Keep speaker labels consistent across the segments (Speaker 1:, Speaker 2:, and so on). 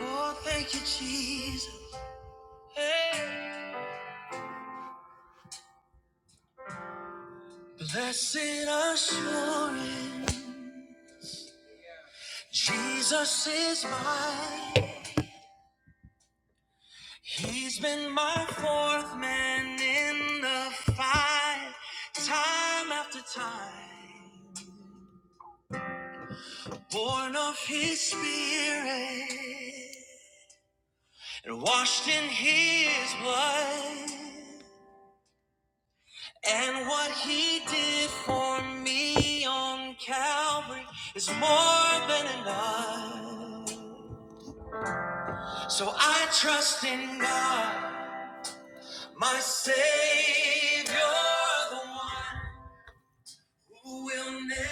Speaker 1: Oh, thank you, Jesus. Hey. Blessed assurance, Jesus is mine. He's been my fourth man in the fight, time after time. Born of His Spirit and washed in His blood. And what he did for me on Calvary is more than enough. So I trust in God, my Savior, the one who will never,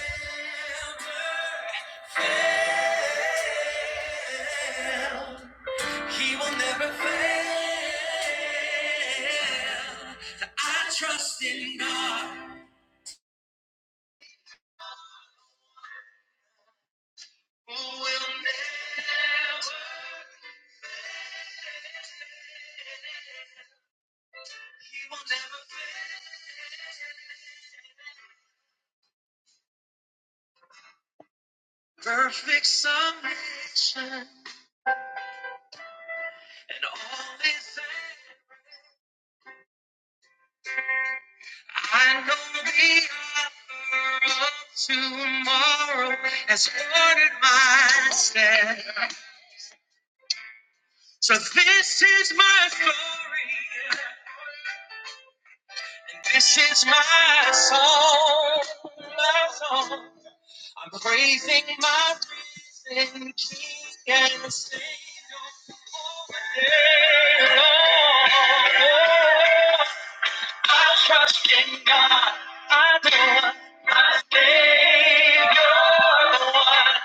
Speaker 1: he will never fail. So I trust in God, who will never. fail. He will never fail. Perfect submission and all is there. I know the author of tomorrow has ordered my step. So this is my story. And this is my song. My song. I'm praising my I trust in God. I do. I think you're the one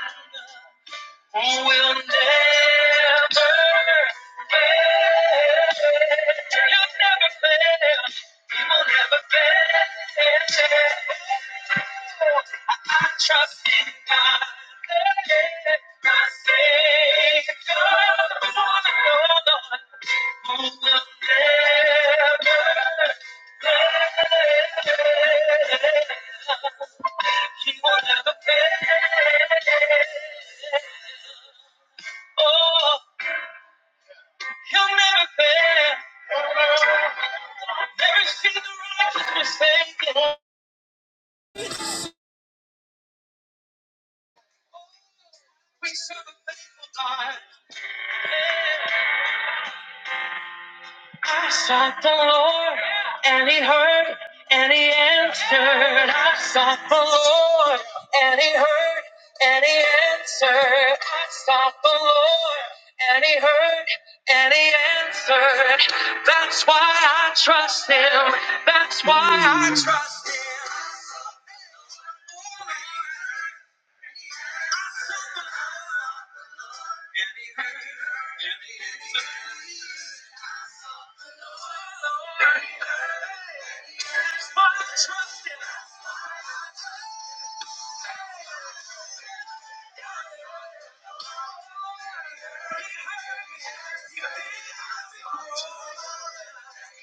Speaker 1: who will never fail. He'll never fail. He will never fail. I I trust in God, my Savior, the Lord, who will never fail. He will never fail. Oh, he'll never fail. Never seen the righteous forsaken. We serve a faithful God. I sought the Lord, and he heard, and he answered. I sought the Lord, and he heard, and he answered. I sought the Lord, and he heard, and he answered. That's why I trust him. That's why I trust him.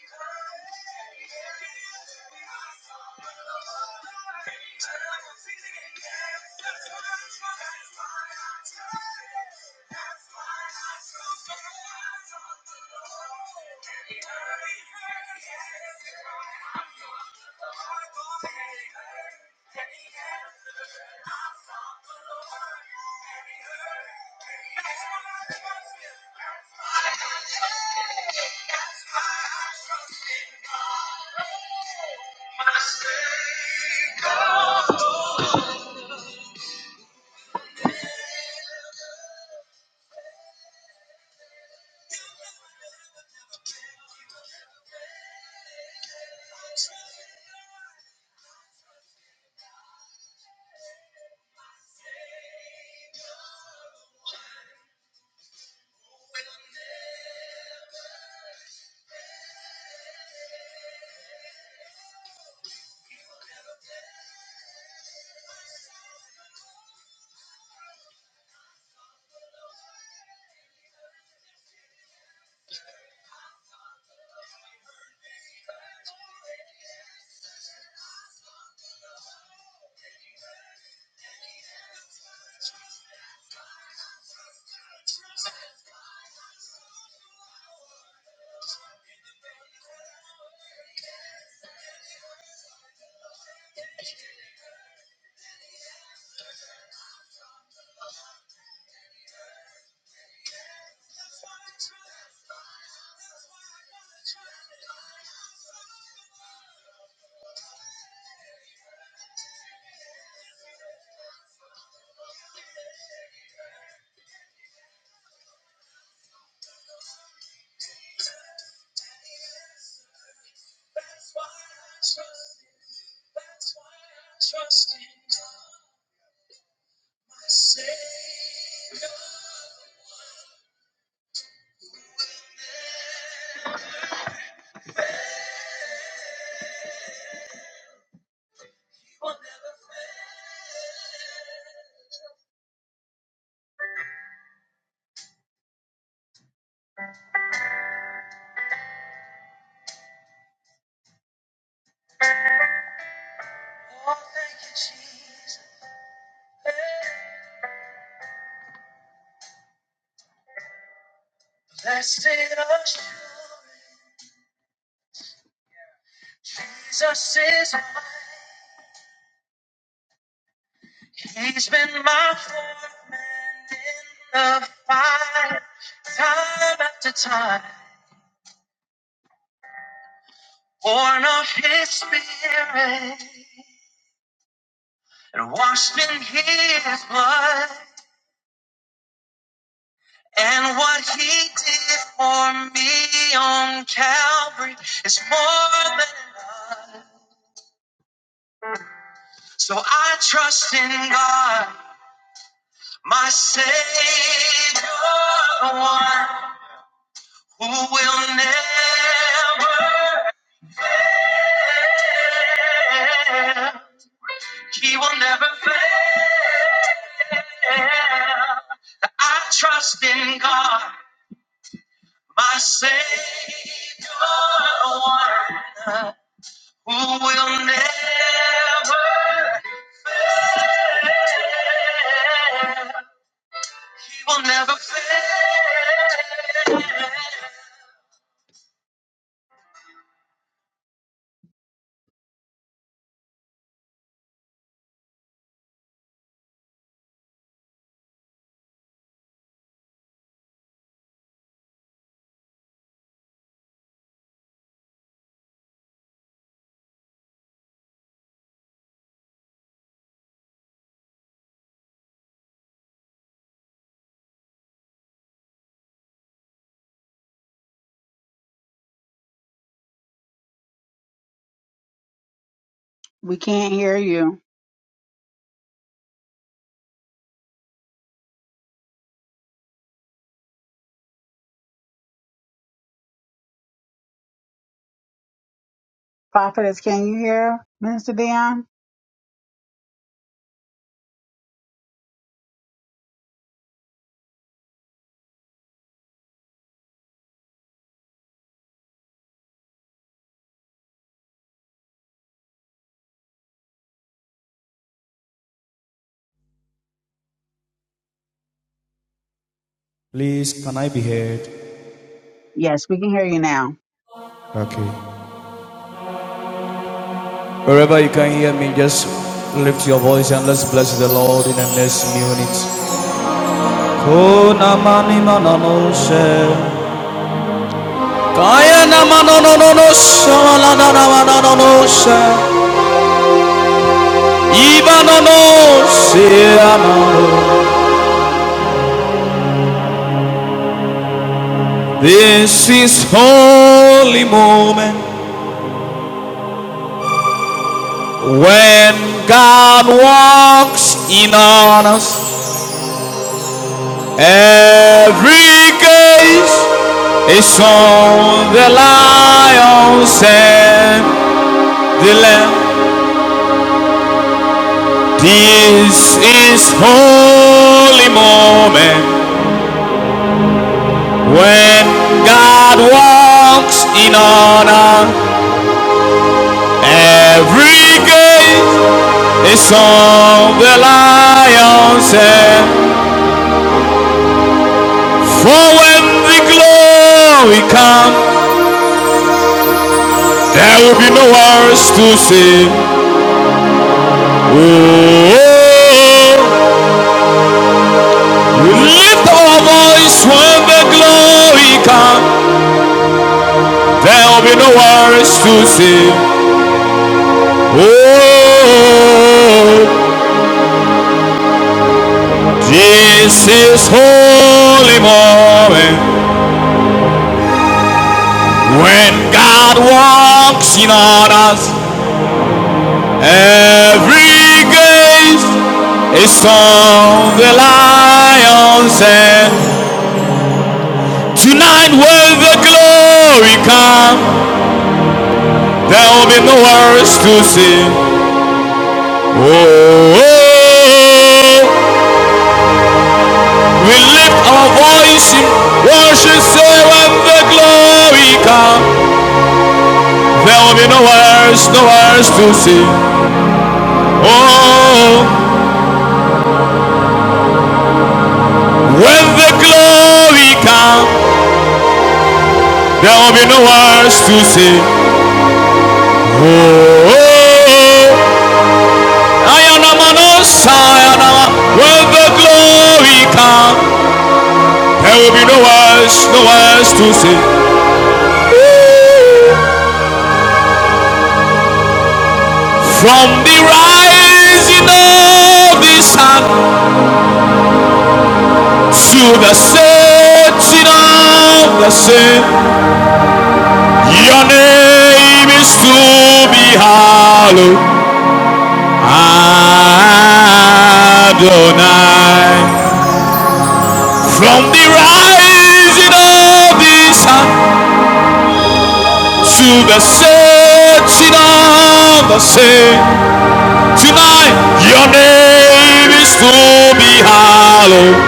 Speaker 1: Oh, thank you, Jesus. Hey. Blessed assurance, Jesus is mine. He's been my fourth man in the fire, time after time, born of His Spirit and washed in His blood. And what He did for me on Calvary is more than. So I trust in God, my Savior, the one. Who will never end. He will never fail. I trust in God, my Savior, one who will never, he will never fail. We can't hear you. Prophetess, can you hear Minister Dion?
Speaker 2: Please, can I be heard?
Speaker 1: Yes, we can hear you now.
Speaker 2: Okay. Wherever you can hear me, just lift your voice and let's bless the Lord in the next few minutes. Kona mani manano se. Kaya na manono no no no se. Wala na na manano no no se. Iba no no se ano. This is holy moment when God walks in on us. Every gaze is on the lions and the lamb. This is holy moment when God walks in honor. Every gaze is on the lions and for when the glory comes, there will be no words to say. Oh, lift our voice when the glory comes. There will be no worries to sing. Oh, this is holy moment when God walks in on us. Every gaze is on the lion's head. Tonight when the glory comes. There will be no worries to sing. Oh, oh, we lift our voice in worship, say when the glory comes. There will be no worries, no worries to sing. Oh, when the glory comes, there will be no worries to sing. Oh, oh, I am a man when the glory comes, there will be no words, no words to sing. from the rising of the sun to the setting of the sun. Your name is to be hallowed, Adonai. From the rising of the sun to the setting of the sun, tonight your name is to be hallowed.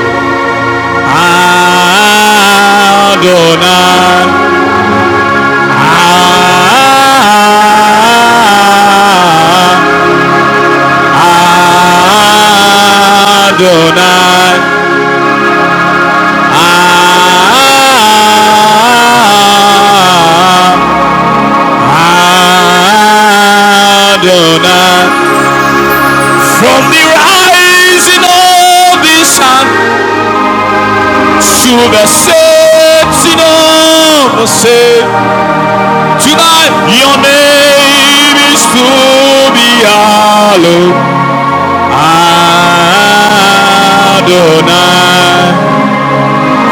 Speaker 2: Adonai. Adonai. Adonai. From the rising of the sun to the setting of the sun. Tonight, your name is to be hallowed. Adonai.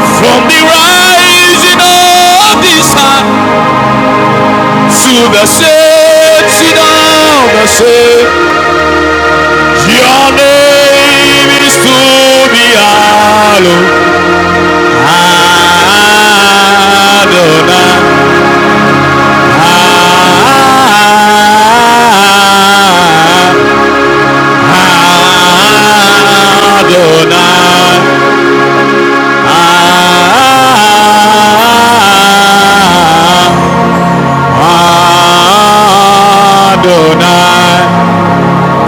Speaker 2: From the rising of the sun to the setting of the same, your name is to be hallowed. Adonai. Adonai. Adonai.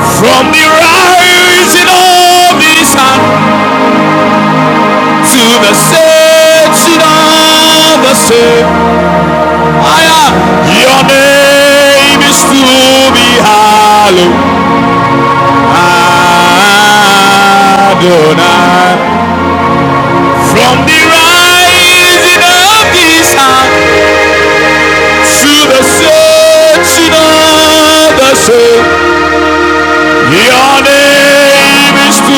Speaker 2: From the rising of the sun to the setting of the sun, I Your name is to be hallowed. Adonai. From the rising of the sun to the setting of the sun, your name is to be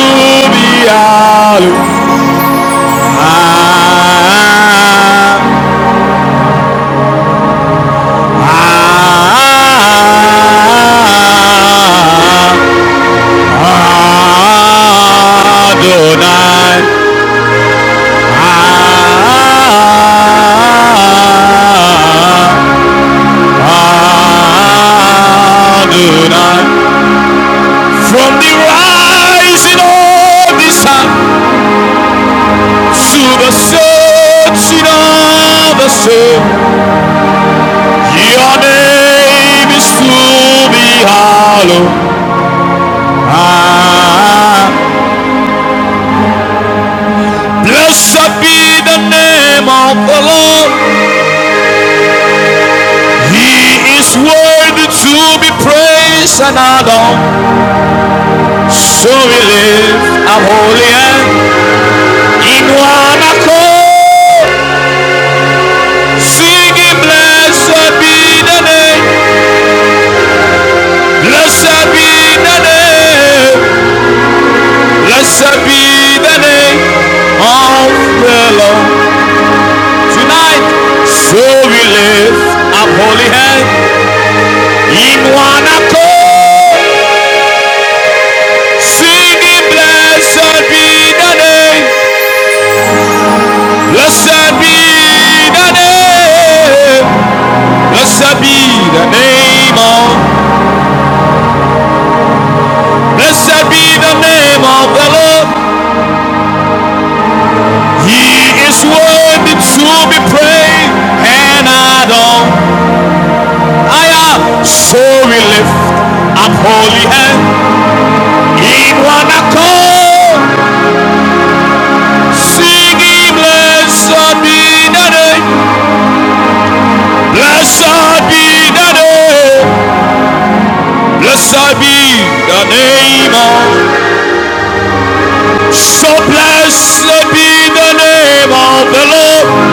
Speaker 2: hallowed. Ah, ah, ah, ah, Adonai. Ah, ah, ah, ah, Adonai, from the rising of the sun to the setting of the sun, your name is to be hallowed. Ah, blessed be the name of the Lord. He is worthy to be praised and adored. So we lift our holy hand in one accord. Singing, blessed be the name, blessed be the name, blessed be the name of the Lord. Tonight, so we lift up holy hand in one accord. Singing, blessed be the name, blessed be the name, blessed be the name of, blessed be the name of the Lord. He is worthy to be praised and adored. I am so we lift up holy hand in one accord, singing blessed be the name, blessed be the name, blessed be the name of. So blessed be the name of the Lord.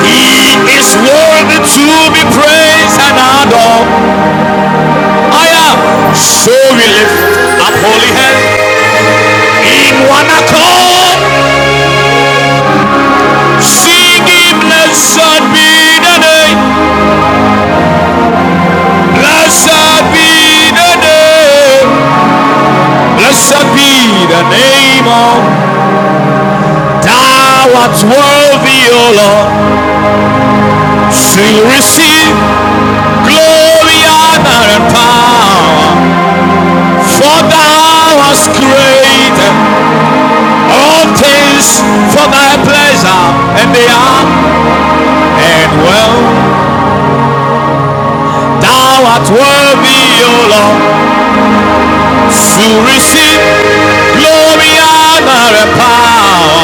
Speaker 2: He is worthy to be praised and adored. Higher. So we lift up holy hand in one accord. Singing,
Speaker 1: Yes,
Speaker 2: blessed be the name.
Speaker 1: yes, yes,
Speaker 2: Blessed
Speaker 1: yes,
Speaker 2: be the name. Blessed be the name of Thou art worthy, O Lord. So you receive glory, honor, and power. For Thou hast created all things for Thy pleasure, and they are and well. Thou art worthy, O Lord, to receive glory, honor, and power.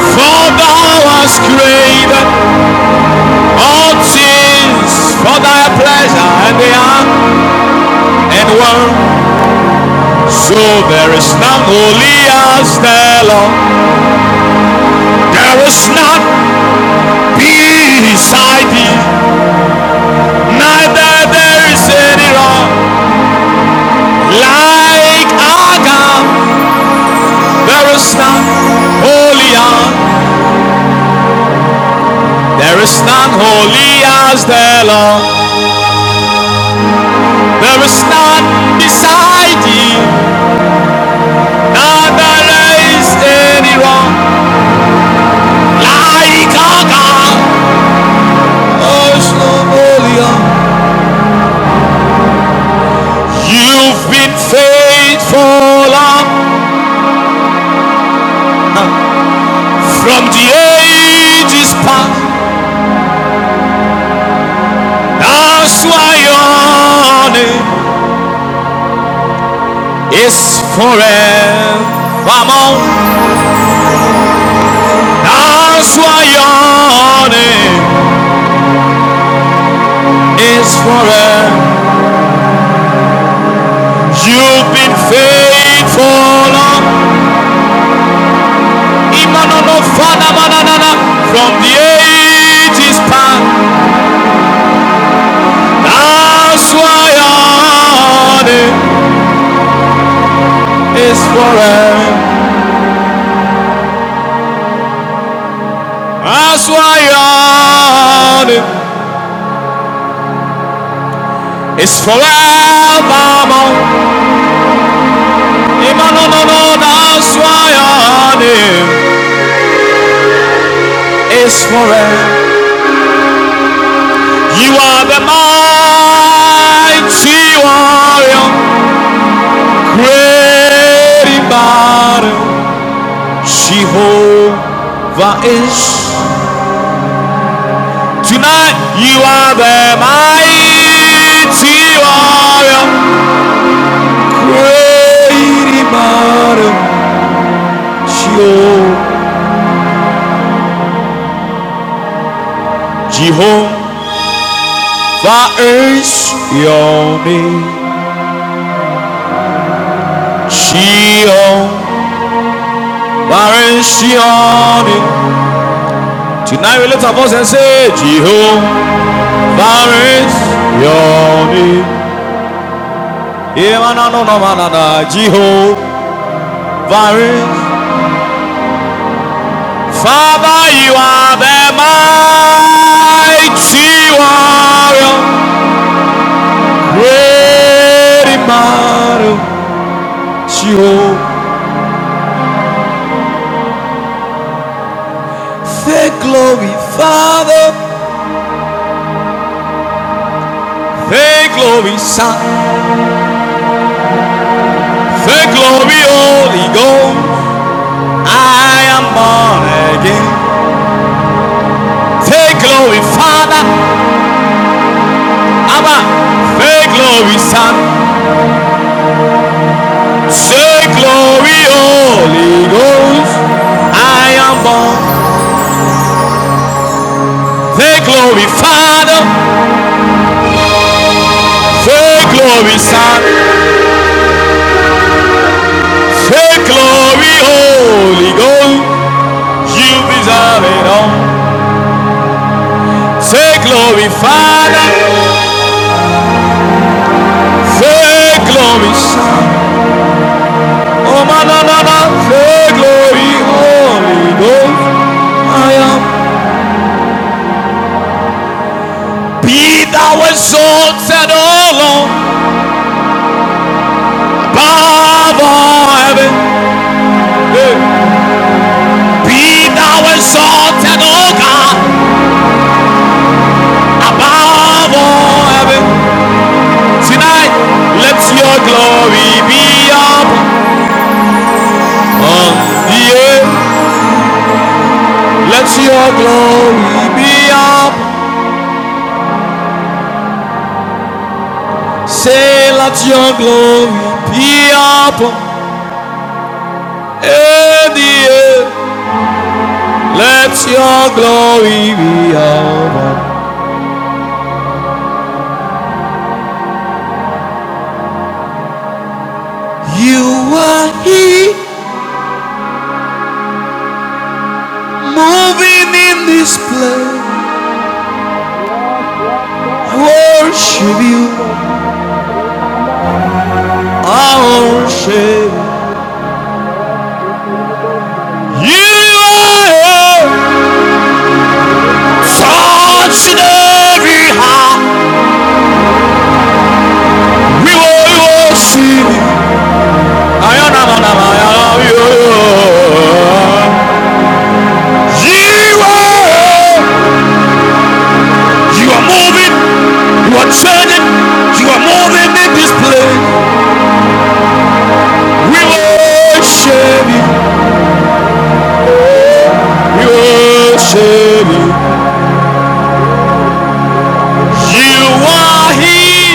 Speaker 2: For thou hast created all things for thy pleasure, and they are and were. So there is none holy as thou, Lord. There is none beside thee, neither there is any rock like our God. There is none holy there is none holy as the Lord. There is none beside thee, none that is any wrong. Like our God, there is none holy You've been faithful from the ages past. That's why your name is forevermore. That's why your name. is forever. You've been faithful, Lord. Imanono fana mananana. from the ages past. That's why your name is forever. That's why your name is forevermore. Imanono, that's why your name is forever. You are the mighty warrior. Yerimaru Jehovah is. Tonight you are the mighty warrior. Yerimaru Jeho- Jehovah is your name. Jehovah is your name. Tonight we lift our voice and say, Jehovah is your name. Jehovah, Father, you are the mighty warrior, great in battle. Jehovah, the glory, Father, the glory, Son, the glory, Holy Ghost. I am born again. The glory, Father, Abba, the glory, Son, the glory, Holy Ghost. I am born. Say glory, Father. Say glory, Son. Say glory, Holy Ghost. You deserve it all. Say glory, Father. Say glory, Son. Oh, my, no, no, no. Say glory, Holy Ghost. I am. Be thou exalted, O Lord, above all heaven. Be thou exalted, O God, above all heaven. Tonight, let your glory be up on the earth. Let your glory be up. Say, let your glory be up On the earth. Let your glory be up. You are He moving in this place.
Speaker 1: yes, yes, yes,
Speaker 2: I
Speaker 1: Our
Speaker 2: worship you.
Speaker 1: study is kind of a baba ya.
Speaker 2: I
Speaker 1: Our
Speaker 2: worship
Speaker 1: study is about
Speaker 2: you.
Speaker 1: science.
Speaker 2: You are He.
Speaker 1: It's about science, ma.
Speaker 2: Sọ̀tìdẹ́rì ha
Speaker 1: It's about the name of the
Speaker 2: wíwo
Speaker 1: science.
Speaker 2: ìwọ sí
Speaker 1: Our
Speaker 2: mi.
Speaker 1: study is
Speaker 2: Ayọ̀nàmọ̀nàmọ̀
Speaker 1: about how
Speaker 2: ayọ̀
Speaker 1: the
Speaker 2: yóò.
Speaker 1: different different science are baba baba ya.
Speaker 2: You
Speaker 1: Oh,
Speaker 2: are,
Speaker 1: it's about how the different
Speaker 2: you are
Speaker 1: science are baba
Speaker 2: moving,
Speaker 1: ya. Oh, it's about the name of the
Speaker 2: you are turning, you are moving in this place. We
Speaker 1: science.
Speaker 2: worship you,
Speaker 1: It's about the
Speaker 2: we
Speaker 1: science. Oh,
Speaker 2: worship you.
Speaker 1: baby. Oh, my. You can't get it about
Speaker 2: You
Speaker 1: what you on the
Speaker 2: are
Speaker 1: Baba
Speaker 2: He,
Speaker 1: Bible.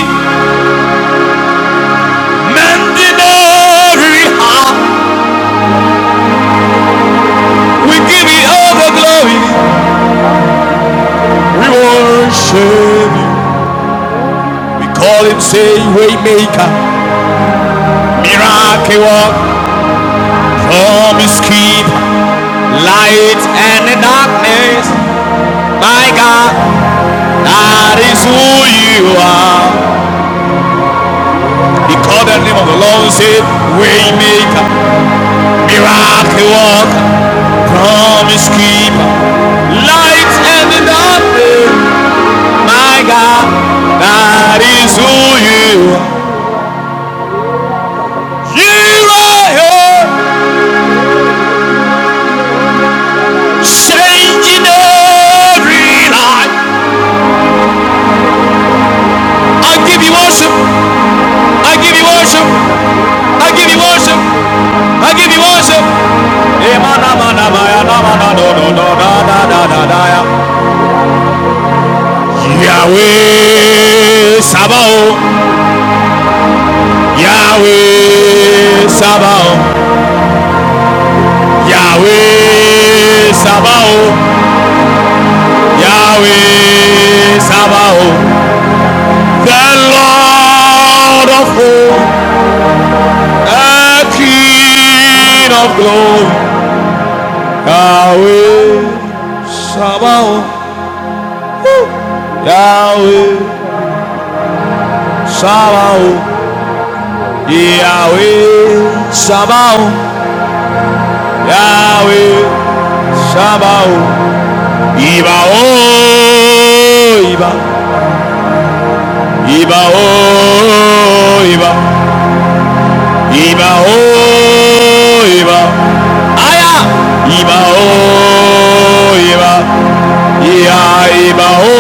Speaker 2: mending
Speaker 1: Yes, you can't get it about you.
Speaker 2: We give you all the glory,
Speaker 1: All glory,
Speaker 2: we worship you.
Speaker 1: all we
Speaker 2: We
Speaker 1: want to
Speaker 2: call
Speaker 1: do,
Speaker 2: him, say,
Speaker 1: want to you.
Speaker 2: Waymaker,
Speaker 1: Miracle
Speaker 2: Miracle,
Speaker 1: worker,
Speaker 2: worker,
Speaker 1: promise keeper,
Speaker 2: Promise Keeper,
Speaker 1: light
Speaker 2: Light and the
Speaker 1: of the
Speaker 2: Darkness.
Speaker 1: darkness,
Speaker 2: My
Speaker 1: my
Speaker 2: God,
Speaker 1: God,
Speaker 2: that is who
Speaker 1: that is who
Speaker 2: you
Speaker 1: you
Speaker 2: are.
Speaker 1: are. You
Speaker 2: We
Speaker 1: can't
Speaker 2: call
Speaker 1: make
Speaker 2: the
Speaker 1: it,
Speaker 2: name of the
Speaker 1: no,
Speaker 2: Lord, and
Speaker 1: you
Speaker 2: say,
Speaker 1: no.
Speaker 2: Waymaker,
Speaker 1: Miracle
Speaker 2: Miracle,
Speaker 1: worker,
Speaker 2: worker,
Speaker 1: yes, God.
Speaker 2: Promise Keeper,
Speaker 1: I
Speaker 2: Light and the
Speaker 1: don't want to
Speaker 2: Darkness.
Speaker 1: see him in
Speaker 2: My
Speaker 1: the hospital.
Speaker 2: God, that
Speaker 1: I
Speaker 2: is who
Speaker 1: just want to
Speaker 2: you
Speaker 1: see
Speaker 2: are.
Speaker 1: him in the hospital.
Speaker 2: You are here,
Speaker 1: Hey, you see those people sitting there?
Speaker 2: changing every life.
Speaker 1: Hmm, I see those people sitting.
Speaker 2: I give you worship. I give you worship.
Speaker 1: Oh God, I see
Speaker 2: I give you worship.
Speaker 1: those people sitting.
Speaker 2: I give you worship.
Speaker 1: Yes, I see those people sitting there. Yes, I see those people sitting there. Hmm, I
Speaker 2: Yahweh Sabaoth.
Speaker 1: see those
Speaker 2: Yahweh
Speaker 1: people sitting there.
Speaker 2: Sabaoth.
Speaker 1: Oh, ya kare re re re
Speaker 2: Yahweh
Speaker 1: bolo ya ba.
Speaker 2: Sabaoth.
Speaker 1: Oh,
Speaker 2: Yahweh
Speaker 1: kaya
Speaker 2: Sabaoth.
Speaker 1: ba ba ba ba ba.
Speaker 2: The Lord of
Speaker 1: Mm, ma
Speaker 2: hosts,
Speaker 1: kare re re bo ya ni
Speaker 2: the King
Speaker 1: Mm,
Speaker 2: of glory. Yahweh
Speaker 1: hallelujah. Ma isi ya
Speaker 2: Sabaoth.
Speaker 1: ba. Mm, ya kare
Speaker 2: Yahweh
Speaker 1: re mo isi ya. Mm, ya
Speaker 2: Sabaoth,
Speaker 1: kore re bo ya re ya isi.
Speaker 2: Yahweh Sabaoth, Yahweh Sabaoth, Iba O Iba, Iba O Iba, Iba O Iba, Aya Iba O Iba, Ya Iba O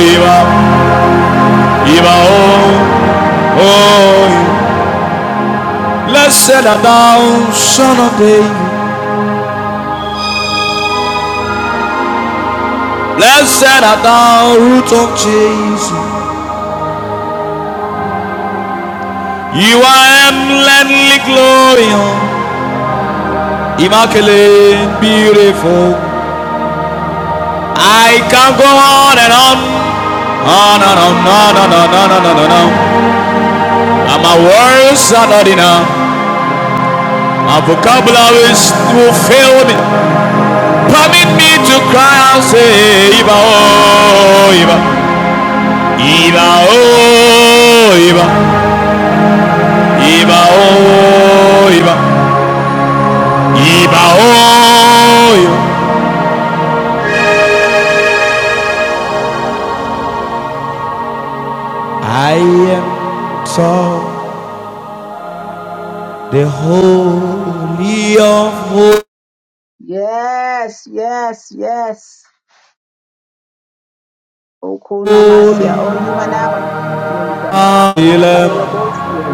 Speaker 2: Iba, Iba O O. Blessed art thou, Son of David. Blessed art thou, root of Jesus. You are eminently glorious, immaculate, beautiful. I can go on and on, on and on, on and on, on and on, on and on. And my words are not enough. My vocabulary will fail me. Permit me to cry and say, Iba, oh, Iba, Iba, oh, Iba, Iba, oh, Iba. I am so the holy of
Speaker 1: Yes, yes, yes. Oko
Speaker 2: holy.
Speaker 1: namasia. Oh, you went out. There you go. Ma kare re bo ya.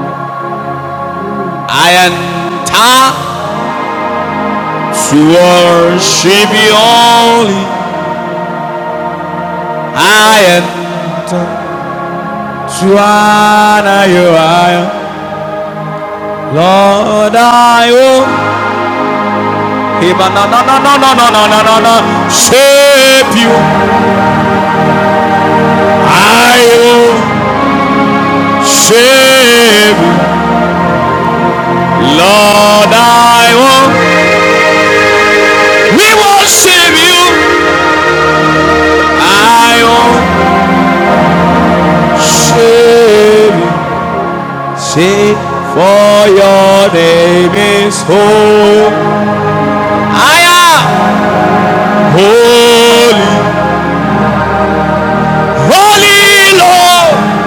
Speaker 1: Mm,
Speaker 2: I enter to
Speaker 1: ko isi
Speaker 2: worship you
Speaker 1: ya ba.
Speaker 2: only. I enter to honor you. Lord, I will.
Speaker 1: Oh,
Speaker 2: Shape you. I will shape you. Lord, I will, we worship you. I won't worship you. Say, for your name is holy. I am holy, holy Lord.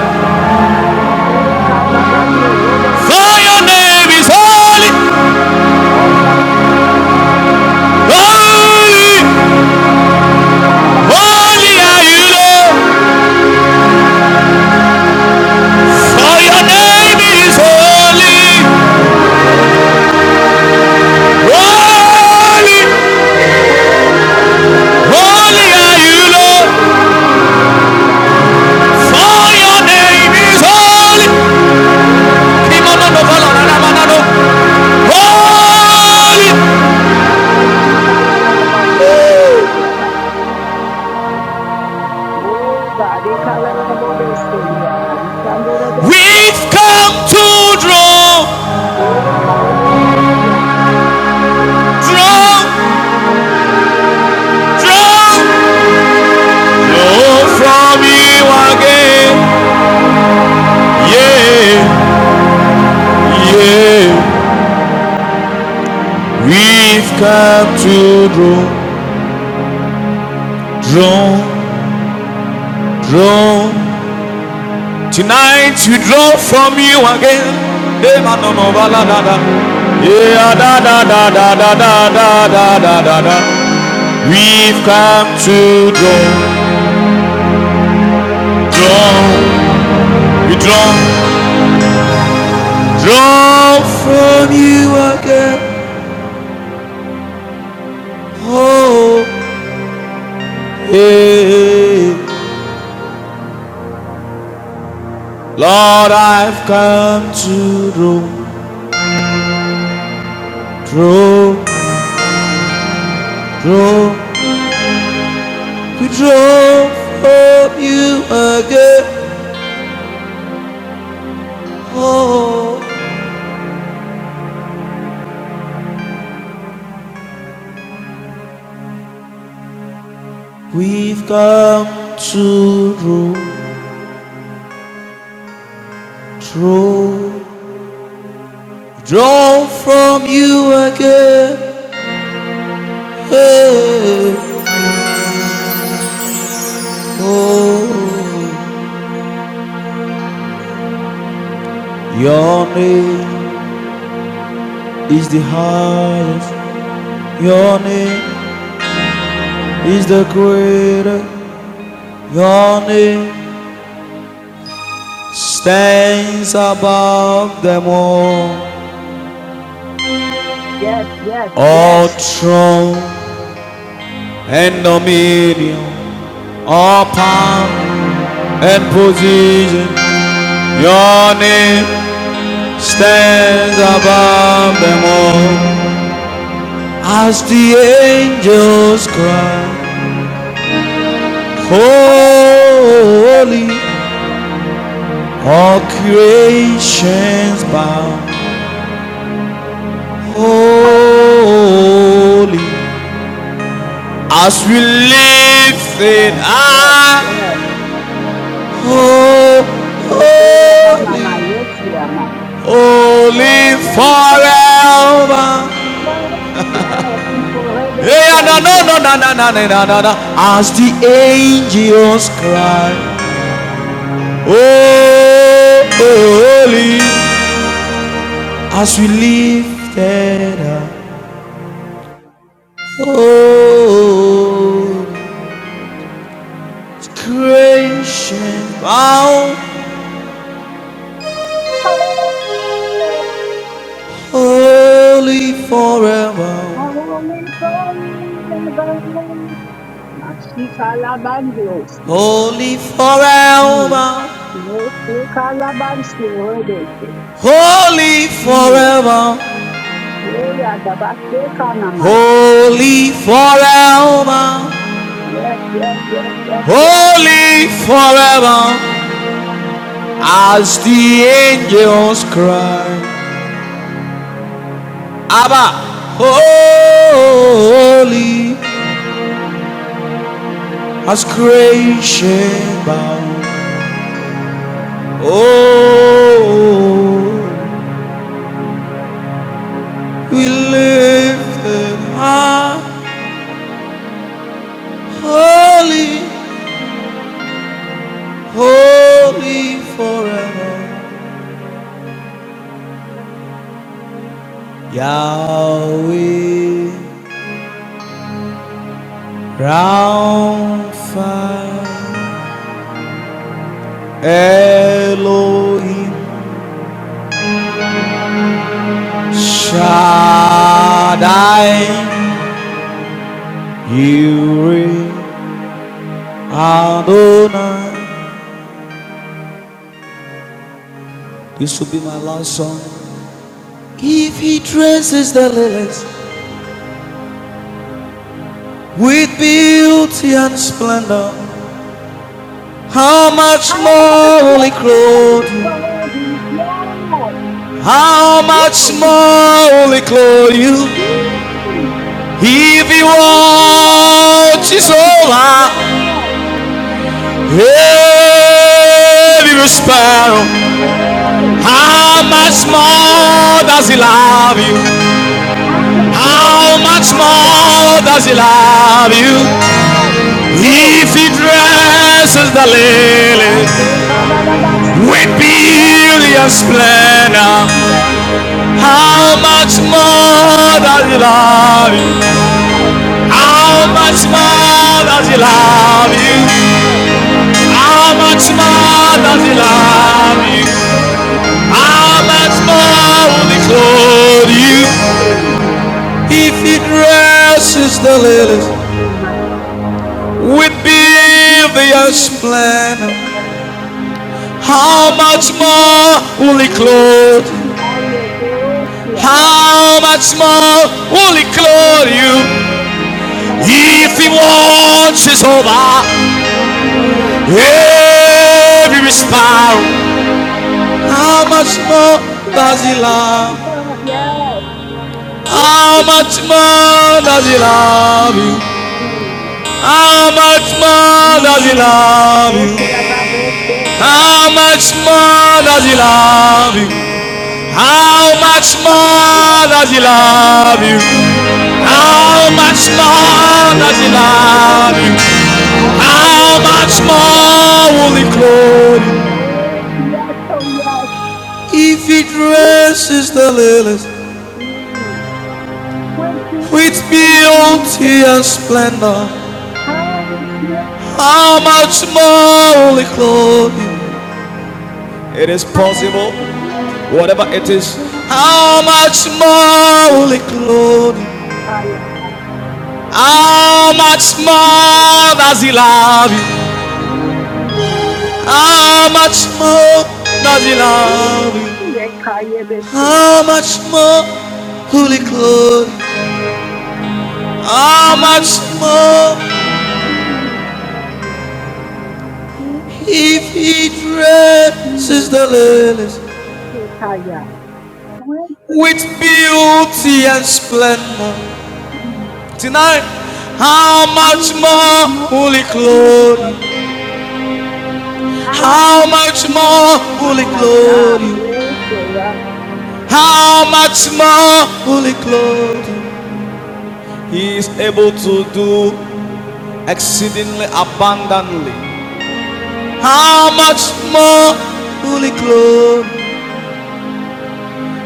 Speaker 2: For your name is holy, holy, holy are you, Lord. For your name is holy, holy,
Speaker 1: Oh, Yamasura
Speaker 2: holy
Speaker 1: Baba
Speaker 2: are
Speaker 1: Yansi,
Speaker 2: you, Lord.
Speaker 1: Rebebe Anso Here,
Speaker 2: For your name is holy.
Speaker 1: Yeyanda Masiko Yamai.
Speaker 2: Holy.
Speaker 1: Oh, Masika Lalabado Sekiriaba. Oh, God, they call it a bodo Sekiriaba. You can do the best here.
Speaker 2: We've come to draw,
Speaker 1: They call it a bodo Sekiriaba. Hmm.
Speaker 2: draw, draw, from you again. Yeah, yeah. We've come to draw, draw, draw. Tonight we draw from you again. Yeah, da da Yeah, da da da da da da da da da. We've come to draw, draw, we draw, draw from you again. Oh, hey, Lord, I've come to draw, draw, draw, we draw from you again. Oh, we've come to draw, draw, draw from you again. Hey. Oh, your name is the highest. Your name is the greater. Your name stands above them all. All throne and dominion, all power and position. Your name stands above them all. As the angels cry, holy. All creations bow
Speaker 1: Oh, oh.
Speaker 2: holy as we
Speaker 1: Yes,
Speaker 2: lift in
Speaker 1: yes,
Speaker 2: our
Speaker 1: yes. Yes,
Speaker 2: holy,
Speaker 1: you are mine.
Speaker 2: holy
Speaker 1: Holy, holy,
Speaker 2: forever.
Speaker 1: yes, you are
Speaker 2: Yeah, no, no,
Speaker 1: Rebeshandra.
Speaker 2: no, no, no, no, no, no, no, no. As the angels cry, oh, holy, as we lift it up, oh. creation bound,
Speaker 1: Holy,
Speaker 2: holy forever,
Speaker 1: holy forever. Mashikalabandios.
Speaker 2: holy
Speaker 1: Mm.
Speaker 2: forever,
Speaker 1: Yosikalabansi Rebeshe.
Speaker 2: holy
Speaker 1: Mm.
Speaker 2: forever,
Speaker 1: Yeah, yeah, the Bashe Kanamai.
Speaker 2: holy forever,
Speaker 1: Yes, yes, yes, yes, yes.
Speaker 2: holy forever, as the angels cry, Abba, holy, as creation bound, oh. We lift them high, holy, holy forever. Yahweh, round fire, Elohim, Shaddai, Yireh, Adonai. This will be my last song. If he dresses the lilies with beauty and splendor, How much
Speaker 1: How
Speaker 2: more
Speaker 1: much
Speaker 2: will he
Speaker 1: love
Speaker 2: clothe
Speaker 1: is
Speaker 2: you?
Speaker 1: for these yes.
Speaker 2: How much
Speaker 1: Woo!
Speaker 2: more will he clothe you?
Speaker 1: Woo!
Speaker 2: If he
Speaker 1: Thank you, Lord, for
Speaker 2: watches
Speaker 1: Zuckerberg.
Speaker 2: over
Speaker 1: Yes. This
Speaker 2: every
Speaker 1: family.
Speaker 2: sparrow,
Speaker 1: Hey.
Speaker 2: how
Speaker 1: Well,
Speaker 2: much
Speaker 1: about you?
Speaker 2: more does he love you?
Speaker 1: How much love,
Speaker 2: How much
Speaker 1: my God?
Speaker 2: more does he love you?
Speaker 1: Yes.
Speaker 2: If
Speaker 1: Woo!
Speaker 2: he dresses the
Speaker 1: My
Speaker 2: lily
Speaker 1: say,
Speaker 2: with
Speaker 1: Kabadabasia. Hey,
Speaker 2: beauty and splendor,
Speaker 1: Linda.
Speaker 2: How
Speaker 1: How
Speaker 2: much
Speaker 1: much
Speaker 2: more does he
Speaker 1: love is
Speaker 2: love
Speaker 1: for
Speaker 2: you?
Speaker 1: yes.
Speaker 2: How much
Speaker 1: Hallelujah.
Speaker 2: more does he love you? How much
Speaker 1: He
Speaker 2: more does
Speaker 1: watches
Speaker 2: he
Speaker 1: over my
Speaker 2: love
Speaker 1: God. It
Speaker 2: you?
Speaker 1: correlates
Speaker 2: How
Speaker 1: Sunday.
Speaker 2: much more will he clothe you?
Speaker 1: Woo!
Speaker 2: If he dresses the lilies
Speaker 1: Heal in my
Speaker 2: with
Speaker 1: good heal
Speaker 2: beauteous
Speaker 1: me and see you.
Speaker 2: splendor, how
Speaker 1: How much
Speaker 2: much more
Speaker 1: more?
Speaker 2: will he
Speaker 1: Woo!
Speaker 2: clothe?
Speaker 1: I am healed here, my
Speaker 2: How much more will he clothe you?
Speaker 1: Oh, but the
Speaker 2: If he
Speaker 1: other, my
Speaker 2: watches over
Speaker 1: Yay.
Speaker 2: Every sparrow, How
Speaker 1: How
Speaker 2: much more
Speaker 1: much
Speaker 2: does he love?
Speaker 1: more? Yes.
Speaker 2: How
Speaker 1: Woo!
Speaker 2: much more does he love you?
Speaker 1: Mm.
Speaker 2: How much more does he
Speaker 1: Mm,
Speaker 2: love
Speaker 1: go to
Speaker 2: you?
Speaker 1: the rabbit shelter.
Speaker 2: How much more does he love you?
Speaker 1: Mm.
Speaker 2: How
Speaker 1: How
Speaker 2: much
Speaker 1: much
Speaker 2: more does he
Speaker 1: love we
Speaker 2: love you?
Speaker 1: love you, yes.
Speaker 2: How much more does he love
Speaker 1: Mm.
Speaker 2: you?
Speaker 1: Makaya
Speaker 2: How much
Speaker 1: Rabaya.
Speaker 2: more will he clothe you?
Speaker 1: Oh, yes, oh, yes.
Speaker 2: If he dresses
Speaker 1: Mm.
Speaker 2: the lilies
Speaker 1: Mm. We're
Speaker 2: with
Speaker 1: singing to
Speaker 2: beauty
Speaker 1: the
Speaker 2: and splendor.
Speaker 1: house.
Speaker 2: How much more will he clothe you?
Speaker 1: Mm.
Speaker 2: It is possible,
Speaker 1: House, Lord,
Speaker 2: whatever it
Speaker 1: Lord,
Speaker 2: is.
Speaker 1: Lord.
Speaker 2: How much more will he clothe you?
Speaker 1: Makaya
Speaker 2: How much more
Speaker 1: Rabaya.
Speaker 2: does he love you?
Speaker 1: Mm.
Speaker 2: How much more does he love you?
Speaker 1: Mm.
Speaker 2: How much
Speaker 1: Yekayebeseyabaya.
Speaker 2: more will he
Speaker 1: Mm.
Speaker 2: clothe you? How much
Speaker 1: I'm so
Speaker 2: more
Speaker 1: sorry, sorry.
Speaker 2: if he dresses
Speaker 1: Mm.
Speaker 2: the lilies?
Speaker 1: Yekaya. Thank you,
Speaker 2: with
Speaker 1: Lord.
Speaker 2: beauty and splendor.
Speaker 1: Mm.
Speaker 2: Tonight, how
Speaker 1: I
Speaker 2: much
Speaker 1: was
Speaker 2: more
Speaker 1: not
Speaker 2: will he clothe you?
Speaker 1: because I
Speaker 2: How
Speaker 1: was
Speaker 2: much
Speaker 1: not.
Speaker 2: more will he
Speaker 1: My
Speaker 2: clothe
Speaker 1: God,
Speaker 2: you?
Speaker 1: Yekaya.
Speaker 2: How much more will he clothe you? He is able to do exceedingly abundantly. How much more will he clothe? you?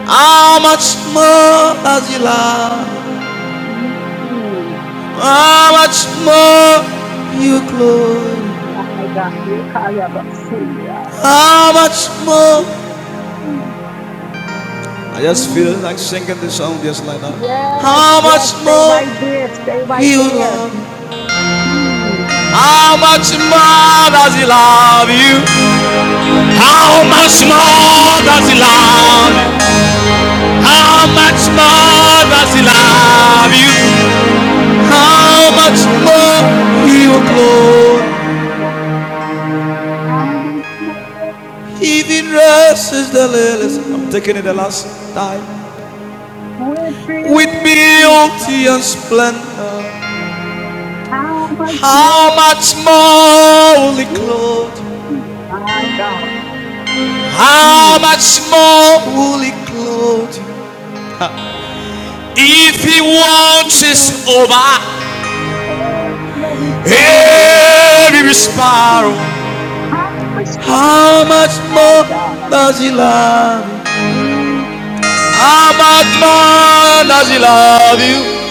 Speaker 2: How much more does he love?
Speaker 1: Mm.
Speaker 2: How much more you clothe?
Speaker 1: my God, Yekaya Basuya.
Speaker 2: How much more I just feel
Speaker 1: Mm.
Speaker 2: like singing this song just like that.
Speaker 1: Yes,
Speaker 2: How much
Speaker 1: yes, stay
Speaker 2: more
Speaker 1: right there. Stay right
Speaker 2: He will
Speaker 1: there.
Speaker 2: love? you?
Speaker 1: Hmm.
Speaker 2: How much more does he love you? How
Speaker 1: I
Speaker 2: much
Speaker 1: want you
Speaker 2: more does he
Speaker 1: to
Speaker 2: love?
Speaker 1: get
Speaker 2: you?
Speaker 1: on. Yes,
Speaker 2: How much more does he
Speaker 1: we'll
Speaker 2: love you?
Speaker 1: go.
Speaker 2: How
Speaker 1: How
Speaker 2: much
Speaker 1: much
Speaker 2: more
Speaker 1: more
Speaker 2: he will
Speaker 1: does it all?
Speaker 2: glow?
Speaker 1: How much more
Speaker 2: Even dresses the
Speaker 1: do
Speaker 2: lilies. I'm
Speaker 1: you
Speaker 2: taking it the
Speaker 1: need?
Speaker 2: last time.
Speaker 1: We're
Speaker 2: With
Speaker 1: filled with you
Speaker 2: beauty
Speaker 1: from
Speaker 2: and splendor,
Speaker 1: How much
Speaker 2: how
Speaker 1: more
Speaker 2: much
Speaker 1: do
Speaker 2: more will he
Speaker 1: you?
Speaker 2: clothe?
Speaker 1: need? My God.
Speaker 2: How
Speaker 1: Hmm.
Speaker 2: much more will He clothe you.
Speaker 1: If
Speaker 2: if
Speaker 1: you
Speaker 2: he
Speaker 1: watch it
Speaker 2: watches
Speaker 1: over.
Speaker 2: over
Speaker 1: every storm.
Speaker 2: every
Speaker 1: Mm,
Speaker 2: sparrow?
Speaker 1: I was
Speaker 2: How
Speaker 1: love,
Speaker 2: much
Speaker 1: my
Speaker 2: more
Speaker 1: God.
Speaker 2: does he love you?
Speaker 1: Mm,
Speaker 2: How much more does he love you?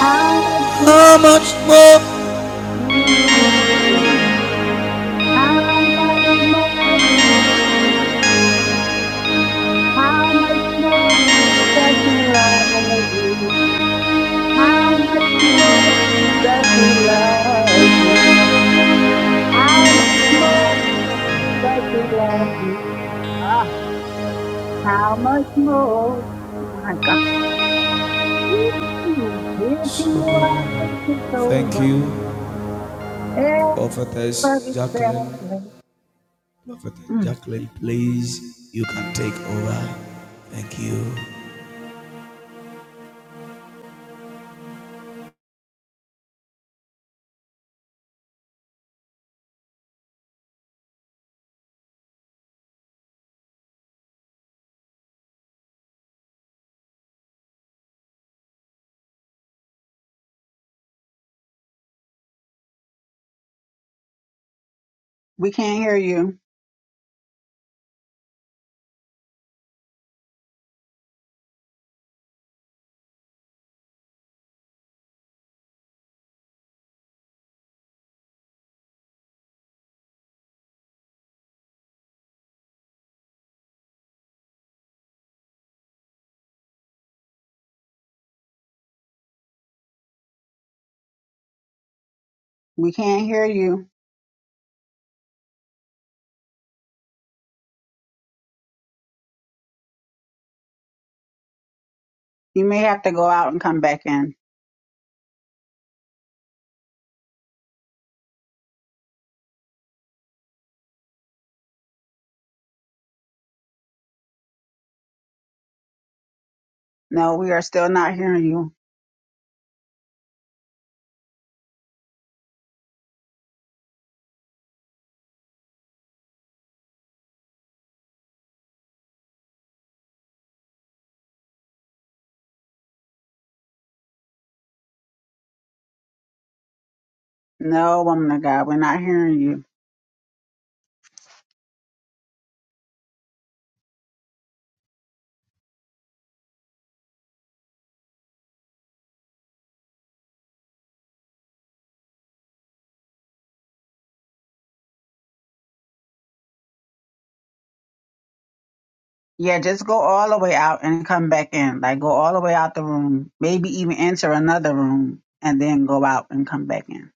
Speaker 1: how much
Speaker 2: How
Speaker 1: more?
Speaker 2: much more?
Speaker 1: Mm, how much more? How much more does he love you? How much more does he love you? How much more does he love you? Ah, how much more? Oh My God. Ooh, if you are, it's over.
Speaker 2: Prophetess
Speaker 1: Everybody's
Speaker 2: Jacqueline,
Speaker 1: sad.
Speaker 2: Prophetess
Speaker 1: Mm.
Speaker 2: Jacqueline, please, you can take over. Thank you.
Speaker 1: We can't hear you. We can't hear you. You may have to go out and come back in. No, we are still not hearing you. No, woman of God, we're not hearing you. Yeah, just go all the way out and come back in. Like go all the way out the room. Maybe even enter another room and then go out and come back in.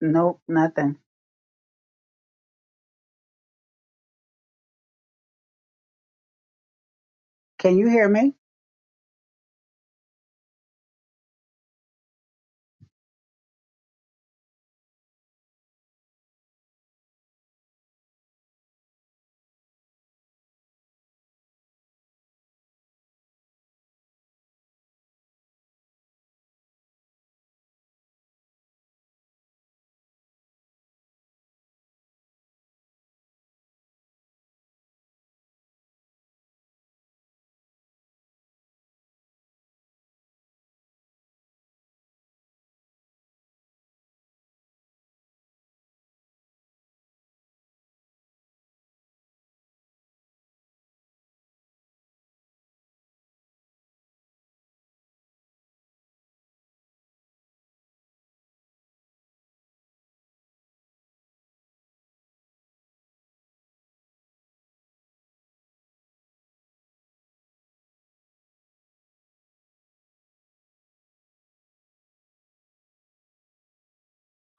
Speaker 1: Nope, nothing. Can you hear me?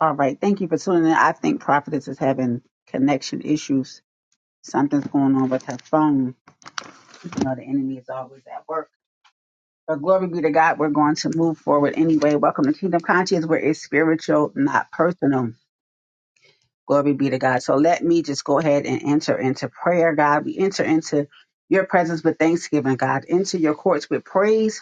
Speaker 1: All right. Thank you for tuning in. I think Prophetess is having connection issues. Something's going on with her phone. You know, the enemy is always at work. But glory be to God, we're going to move forward anyway. Welcome to Kingdom Conscious, where it's spiritual, not personal. Glory be to God. So let me just go ahead and enter into prayer, God. We enter into your presence with thanksgiving, God, into your courts with praise.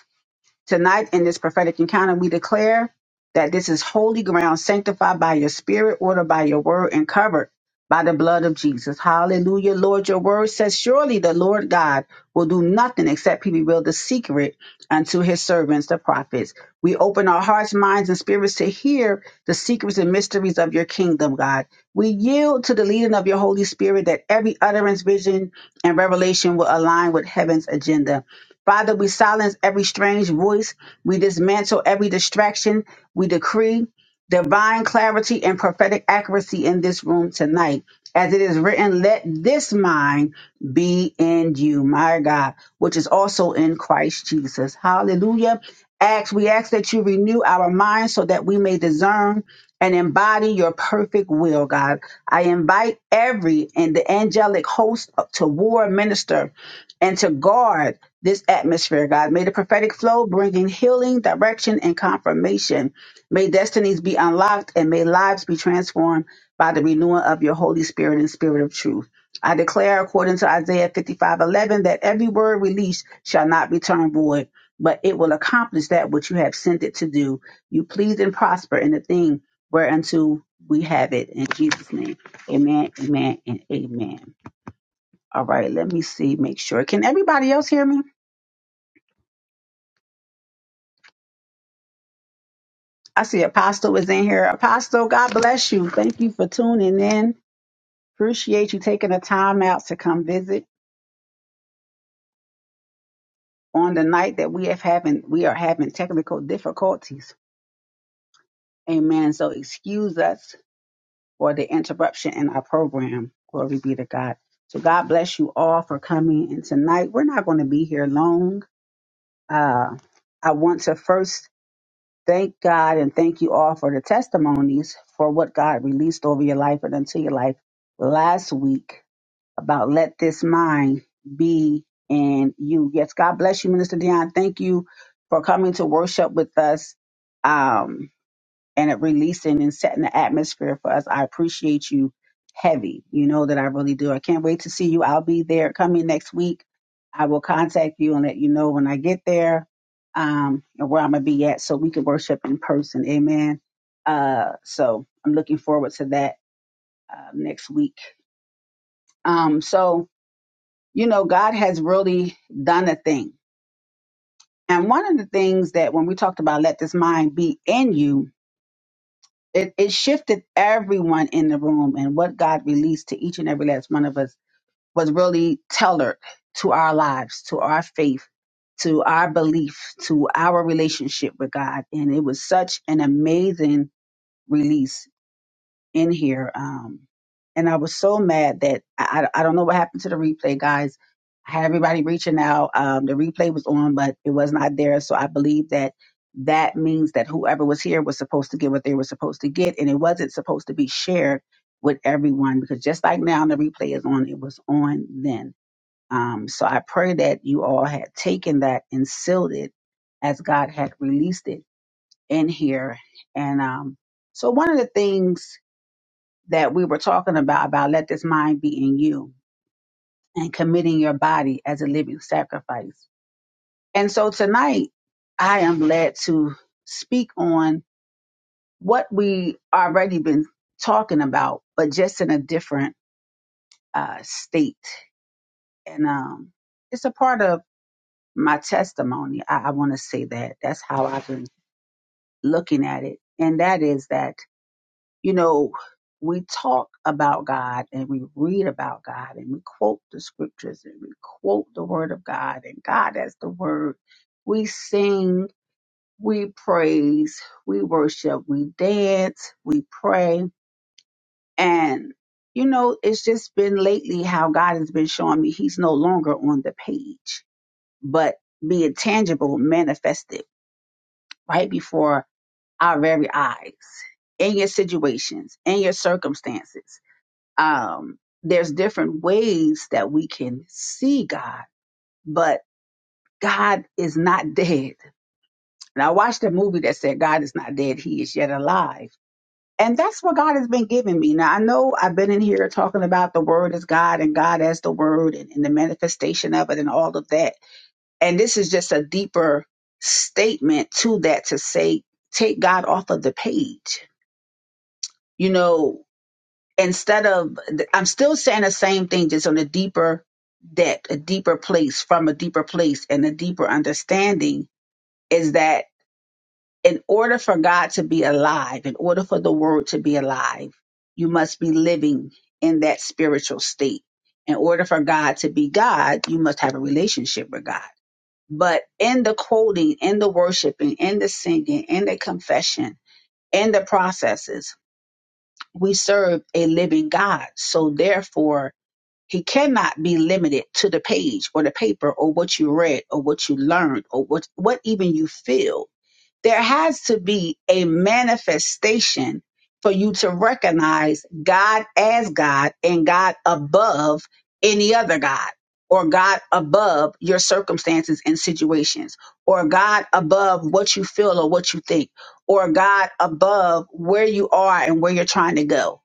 Speaker 1: Tonight in this prophetic encounter, we declare that this is holy ground, sanctified by your spirit, ordered by your word, and covered by the blood of Jesus. Hallelujah. Lord, your word says, surely the Lord God will do nothing except he reveal the secret unto his servants, the prophets. We open our hearts, minds, and spirits to hear the secrets and mysteries of your kingdom, God. We yield to the leading of your Holy Spirit that every utterance, vision, and revelation will align with heaven's agenda. Father, we silence every strange voice. We dismantle every distraction. We decree divine clarity and prophetic accuracy in this room tonight. As it is written, let this mind be in you, my God, which is also in Christ Jesus. Hallelujah. Ask, we ask that you renew our minds so that we may discern and embody your perfect will, God. I invite every and the angelic host to war minister and to guard this atmosphere, God. May the prophetic flow bringing healing, direction, and confirmation May destinies be unlocked and may lives be transformed by the renewing of your Holy Spirit and Spirit of truth. I declare, according to Isaiah 55 11, that every word released shall not return void, but it will accomplish that which you have sent it to do. You please and prosper in the thing whereunto we have it. In Jesus' name, amen, amen, and amen. All right, let me see, make sure. Can everybody else hear me? I see Apostle is in here. Apostle, God bless you. Thank you for tuning in. Appreciate you taking the time out to come visit on the night that we have having we are having technical difficulties. Amen. So excuse us for the interruption in our program. Glory be to God. So God bless you all for coming. And tonight we're not going to be here long. Uh, I want to first thank God and thank you all for the testimonies for what God released over your life and into your life last week. about let this mind be in you. Yes, God bless you, Minister Dion. Thank you for coming to worship with us um, and it releasing and setting the atmosphere for us. I appreciate you heavy. You know that I really do. I can't wait to see you. I'll be there coming next week. I will contact you and let you know when I get there um, and where I'm going to be at so we can worship in person. Amen. Uh, so I'm looking forward to that uh, next week. Um, so, you know, God has really done a thing. And one of the things that when we talked about let this mind be in you, it, it shifted everyone in the room. And what God released to each and every last one of us was really tailored to our lives, to our faith, to our belief, to our relationship with God. And it was such an amazing release in here. Um, and I was so mad that I, I I don't know what happened to the replay, guys. I had everybody reaching out. Um, the replay was on, but it was not there. So I believe that that means that whoever was here was supposed to get what they were supposed to get, and it wasn't supposed to be shared with everyone because just like now, the replay is on. It was on then. Um, so I pray that you all had taken that and sealed it as God had released it in here. And um, so one of the things that we were talking about, about let this mind be in you and committing your body as a living sacrifice. And so tonight, I am led to speak on what we already been talking about, but just in a different uh, state. And um, it's a part of my testimony. I, I want to say that. That's how I've been looking at it. And that is that You know, we talk about God and we read about God and we quote the scriptures and we quote the word of God and God as the word. We sing, we praise, we worship, we dance, we pray. And, you know, it's just been lately how God has been showing me he's no longer on the page, but being tangible, manifested right before our very eyes in your situations, in your circumstances. um, there's different ways that we can see God, but God is not dead. And I watched a movie that said God is not dead, he is yet alive. And that's what God has been giving me. Now, I know I've been in here talking about the Word as God and God as the Word and, and the manifestation of it and all of that. And this is just a deeper statement to that to say, take God off of the page. You know, instead of I'm still saying the same thing, just on a deeper depth, a deeper place, from a deeper place and a deeper understanding is that in order for God to be alive, in order for the word to be alive, you must be living in that spiritual state. In order for God to be God, you must have a relationship with God. But in the quoting, in the worshiping, in the singing, in the confession, in the processes, we serve a living God. So therefore, he cannot be limited to the page or the paper or what you read or what you learned or what, what even you feel. There has to be a manifestation for you to recognize God as God and God above any other God or God above your circumstances and situations or God above what you feel or what you think or God above where you are and where you're trying to go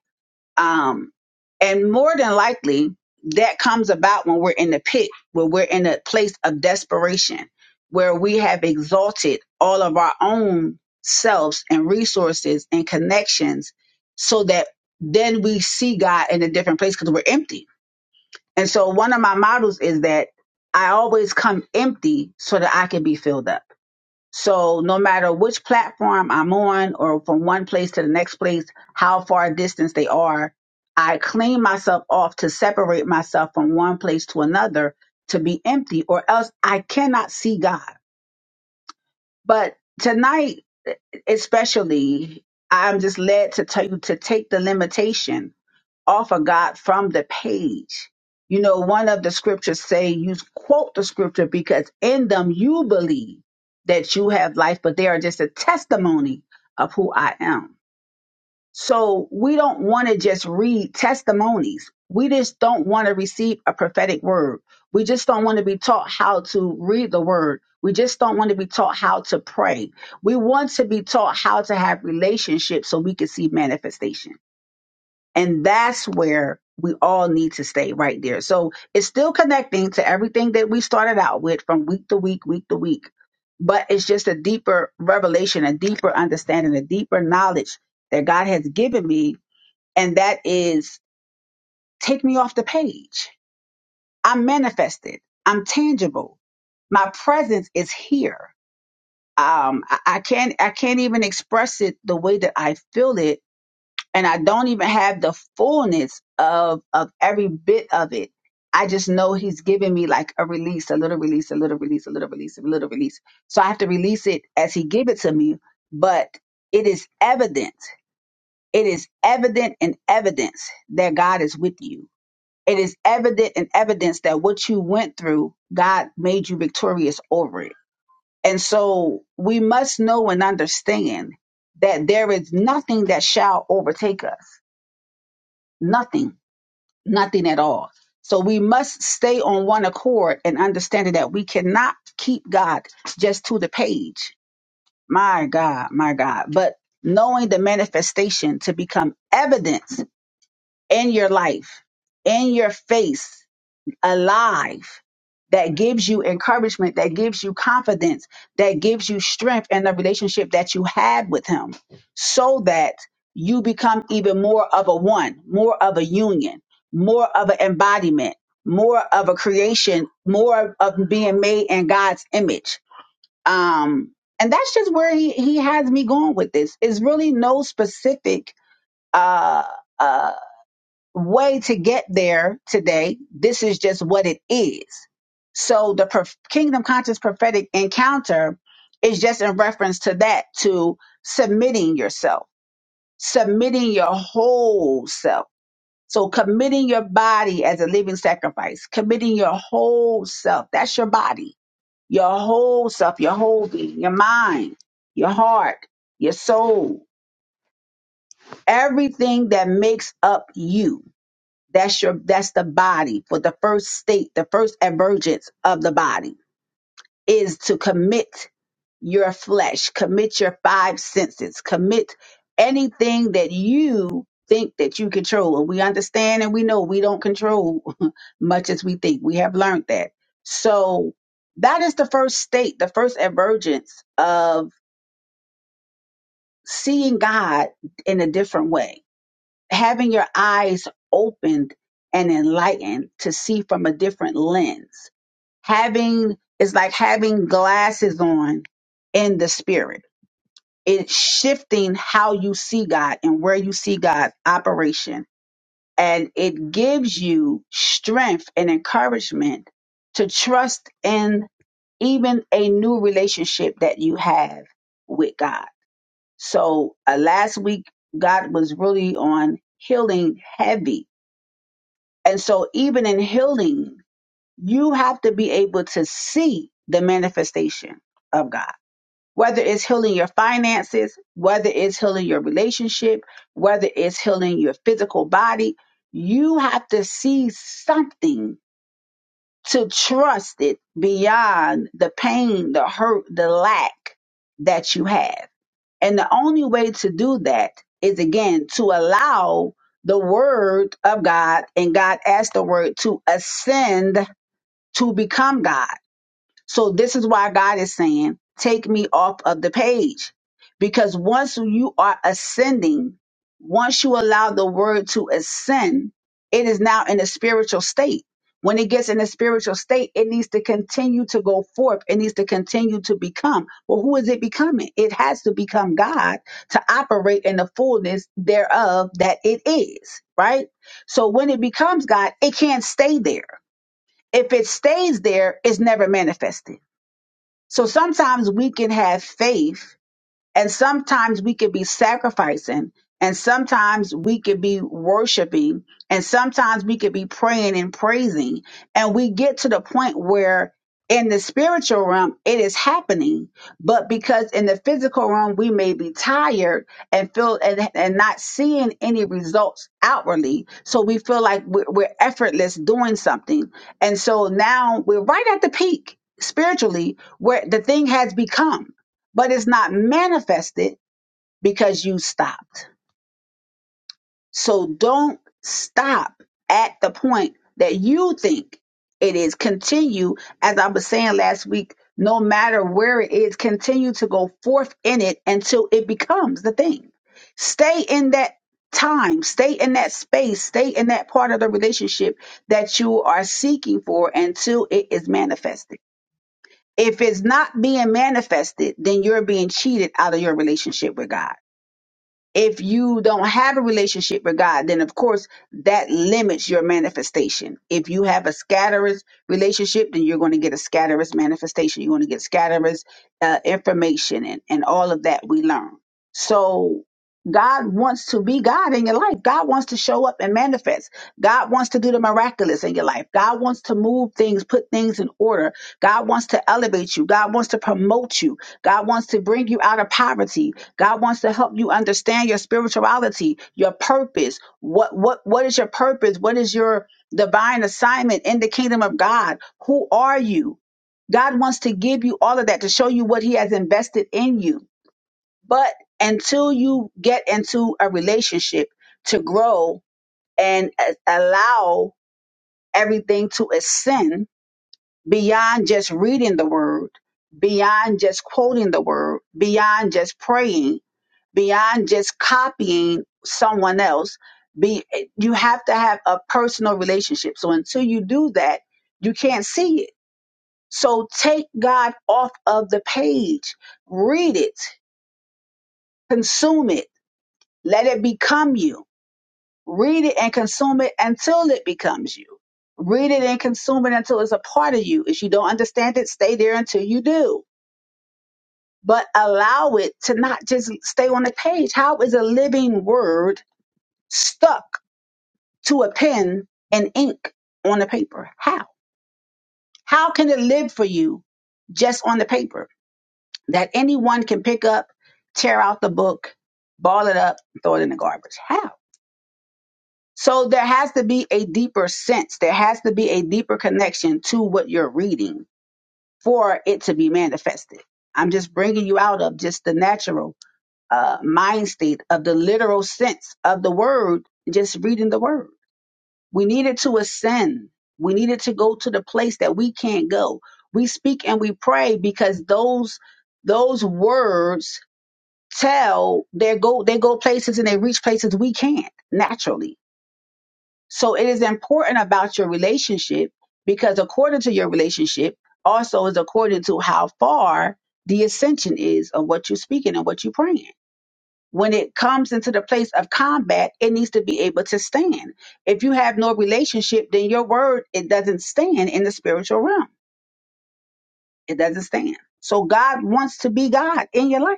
Speaker 1: um, and more than likely, that comes about when we're in the pit, when we're in a place of desperation, where we have exalted all of our own selves and resources and connections so that then we see God in a different place because we're empty. And so, one of my models is that I always come empty so that I can be filled up. So no matter which platform I'm on or from one place to the next place, how far distance they are, I clean myself off to separate myself from one place to another to be empty or else I cannot see God. But tonight, especially, I'm just led to tell you to take the limitation offer God from the page. You know, one of the scriptures say you quote the scripture because in them you believe that you have life, but they are just a testimony of who I am. So we don't want to just read testimonies. We just don't want to receive a prophetic word. We just don't want to be taught how to read the word. We just don't want to be taught how to pray. We want to be taught how to have relationships so we can see manifestation. And that's where we all need to stay right there. So it's still connecting to everything that we started out with from week to week, week to week. But it's just a deeper revelation, a deeper understanding, a deeper knowledge that God has given me. And that is take me off the page. I'm manifested. I'm tangible. My presence is here. Um, I, I can't, I can't even express it the way that I feel it and I don't even have the fullness of of every bit of it. I just know he's giving me like a release, a little release, a little release, a little release, a little release. So I have to release it as he give it to me, but it is evident. It is evident and evidence that God is with you. It is evident and evidence that what you went through, God made you victorious over it. And so we must know and understand that there is nothing that shall overtake us. Nothing nothing at all. So we must stay on one accord and understanding that we cannot keep God just to the page. My God, my God. But knowing the manifestation to become evidence in your life, in your face, alive that gives you encouragement, that gives you confidence, that gives you strength in the relationship that you had with him so that you become even more of a one, more of a union, more of an embodiment, more of a creation, more of being made in God's image. Um, and that's just where he, he has me going with this. It's really no specific, uh, uh, way to get there today. This is just what it is. So the prof- kingdom conscious prophetic encounter is just in reference to that, to submitting yourself, submitting your whole self. So committing your body as a living sacrifice, committing your whole self. That's your body, your whole self, your whole being, your mind, your heart, your soul, everything that makes up you That's your that's the body for the first state, the first emergence of the body is to commit your flesh, commit your five senses, commit anything that you think that you control. And we understand and we know we don't control much as we think. We have learned that. So that is the first state, the first emergence of seeing God in a different way having your eyes opened and enlightened to see from a different lens. Having is like having glasses on in the spirit. It's shifting how you see God and where you see God's operation. And it gives you strength and encouragement to trust in even a new relationship that you have with God. So uh, last week, God was really on healing heavy And so, even in healing, you have to be able to see the manifestation of God. Whether it's healing your finances, whether it's healing your relationship, whether it's healing your physical body, you have to see something to trust it beyond the pain, the hurt, the lack that you have. And the only way to do that is again to allow the word of God and God as the word to ascend to become God. So this is why God is saying, take me off of the page. Because once you are ascending, once you allow the word to ascend, it is now in a spiritual state. When it gets in a spiritual state, it needs to continue to go forth. It needs to continue to become. Well, who is it becoming? It has to become God to operate in the fullness thereof that it is, right? So when it becomes God, it can't stay there. If it stays there, it's never manifested so sometimes we can have faith and sometimes we could be sacrificing, and sometimes we could be worshiping, and sometimes we could be praying and praising. And we get to the point where in the spiritual realm, it is happening. But because in the physical realm, we may be tired and feel and, and not seeing any results outwardly. So we feel like we're, we're effortless doing something. And so now we're right at the peak spiritually where the thing has become but it's not manifested because you stopped. So don't stop at the point that you think it is. Continue, as I was saying last week, no matter where it is, continue to go forth in it until it becomes the thing. Stay in that time, stay in that space, stay in that part of the relationship that you are seeking for until it is manifested. If it's not being manifested, then you're being cheated out of your relationship with God If you don't have a relationship with God, then of course that limits your manifestation. If you have a scatterous relationship, then you're going to get a scatterous manifestation. You're going to get scatterous uh, information and, and all of that we learn. So God wants to be God in your life. God wants to show up and manifest. God wants to do the miraculous in your life. God wants to move things, put things in order. God wants to elevate you. God wants to promote you. God wants to bring you out of poverty. God wants to help you understand your spirituality, your purpose. What what what is your purpose? What is your divine assignment in the kingdom of God? Who are you? God wants to give you all of that to show you what he has invested in you. But until you get into a relationship to grow and a- allow everything to ascend beyond just reading the word, beyond just quoting the word, beyond just praying, beyond just copying someone else be you have to have a personal relationship so until you do that you can't see it so take god off of the page read it consume it let it become you read it and consume it until it becomes you read it and consume it until it's a part of you if you don't understand it stay there until you do but allow it to not just stay on the page how is a living word stuck to a pen and ink on the paper. How? How can it live for you just on the paper that anyone can pick up, tear out the book, ball it up, throw it in the garbage? How? So there has to be a deeper sense. There has to be a deeper connection to what you're reading for it to be manifested. I'm just bringing you out of just the natural uh, mind state of the literal sense of the word, just reading the word. We needed to ascend. We needed to go to the place that we can't go. We speak and we pray because those those words tell they go they go places and they reach places we can't naturally. So it is important about your relationship because according to your relationship also is according to how far the ascension is of what you're speaking and what you're praying when it comes into the place of combat, it needs to be able to stand. If you have no relationship, then your word it doesn't stand in the spiritual realm. It doesn't stand. So God wants to be God in your life.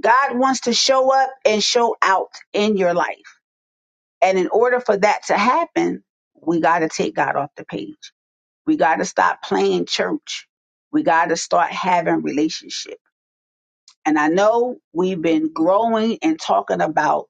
Speaker 1: God wants to show up and show out in your life. And in order for that to happen, we got to take God off the page. We got to stop playing church. We got to start having relationship. And I know we've been growing and talking about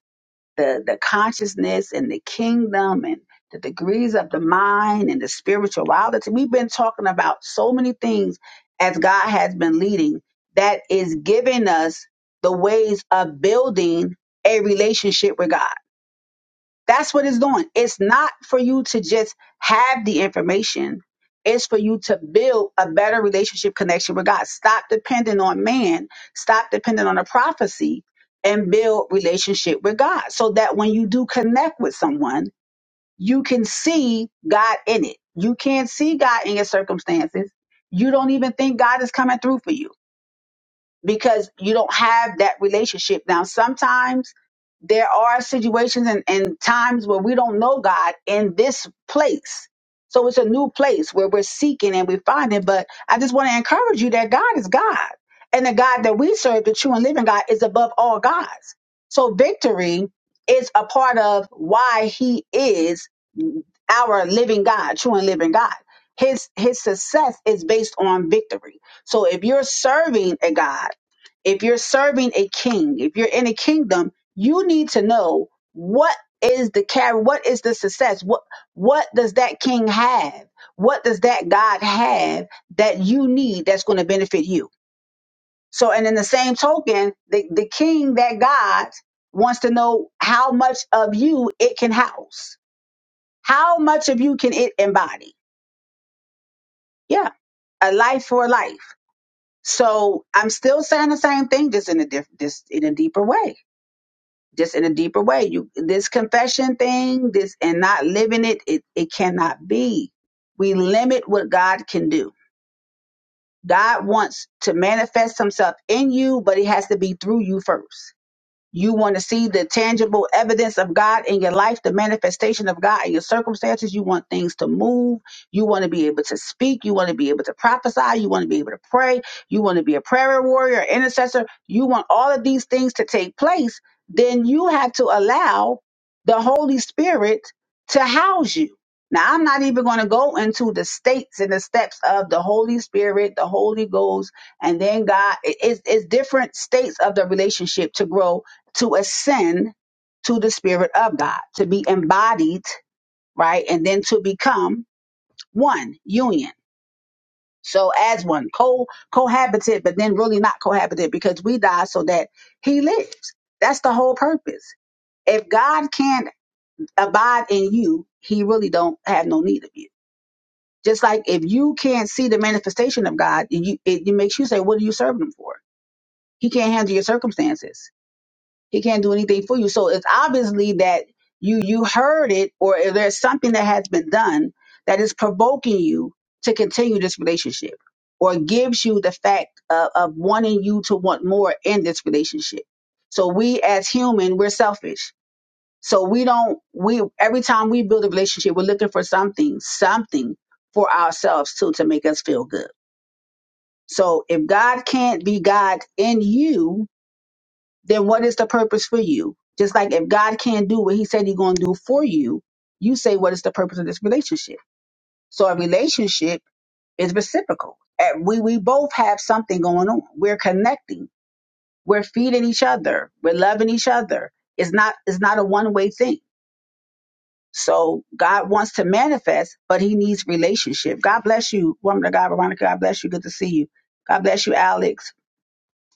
Speaker 1: the the consciousness and the kingdom and the degrees of the mind and the spirituality. We've been talking about so many things as God has been leading that is giving us the ways of building a relationship with God. That's what it's doing. It's not for you to just have the information. It's for you to build a better relationship connection with God. Stop depending on man. Stop depending on a prophecy and build relationship with God so that when you do connect with someone, you can see God in it. You can't see God in your circumstances. You don't even think God is coming through for you because you don't have that relationship. Now, sometimes there are situations and, and times where we don't know God in this place. So it's a new place where we're seeking and we find it. But I just want to encourage you that God is God. And the God that we serve, the true and living God, is above all gods. So victory is a part of why he is our living God, true and living God. His his success is based on victory. So if you're serving a God if you're serving a king, if you're in a kingdom, you need to know what is the carry, what is the success, what what does that king have, what does that God have that you need that's going to benefit you. So, and in the same token, the the king that God wants to know how much of you it can house, how much of you can it embody. Yeah, a life for life. So I'm still saying the same thing, just in a diff- just in a deeper way just in a deeper way. You this confession thing, this and not living it, it, it cannot be. We limit what God can do. God wants to manifest himself in you, but it has to be through you first. You want to see the tangible evidence of God in your life, the manifestation of God in your circumstances. You want things to move. You want to be able to speak. You want to be able to prophesy. You want to be able to pray. You want to be a prayer warrior, intercessor. You want all of these things to take place. Then you have to allow the Holy Spirit to house you. Now, I'm not even going to go into the states and the steps of the Holy Spirit, the Holy Ghost, and then God. It- It's, it's different states of the relationship to grow, to ascend to the Spirit of God, to be embodied, right? And then to become one, union. So as one, co cohabited, but then really not cohabited because we die so that he lives. That's the whole purpose. If God can't abide in you, he really don't have no need of you Just like if you can't see the manifestation of God, you, it, it makes you say, "What are you serving Him for?" He can't handle your circumstances. He can't do anything for you. So it's obviously that you you heard it, or if there's something that has been done that is provoking you to continue this relationship, or gives you the fact of, of wanting you to want more in this relationship. So we as human, we're selfish so we don't we every time we build a relationship, we're looking for something, something for ourselves too to make us feel good. So if God can't be God in you, then what is the purpose for you? Just like if God can't do what he said he's gonna do for you, you say what is the purpose of this relationship? So a relationship is reciprocal. And We we both have something going on. We're connecting. We're feeding each other. We're loving each other. It's not it's not a one way thing. So God wants to manifest, but he needs relationship. God bless you, woman of God, Veronica. God bless you. Good to see you. God bless you, Alex.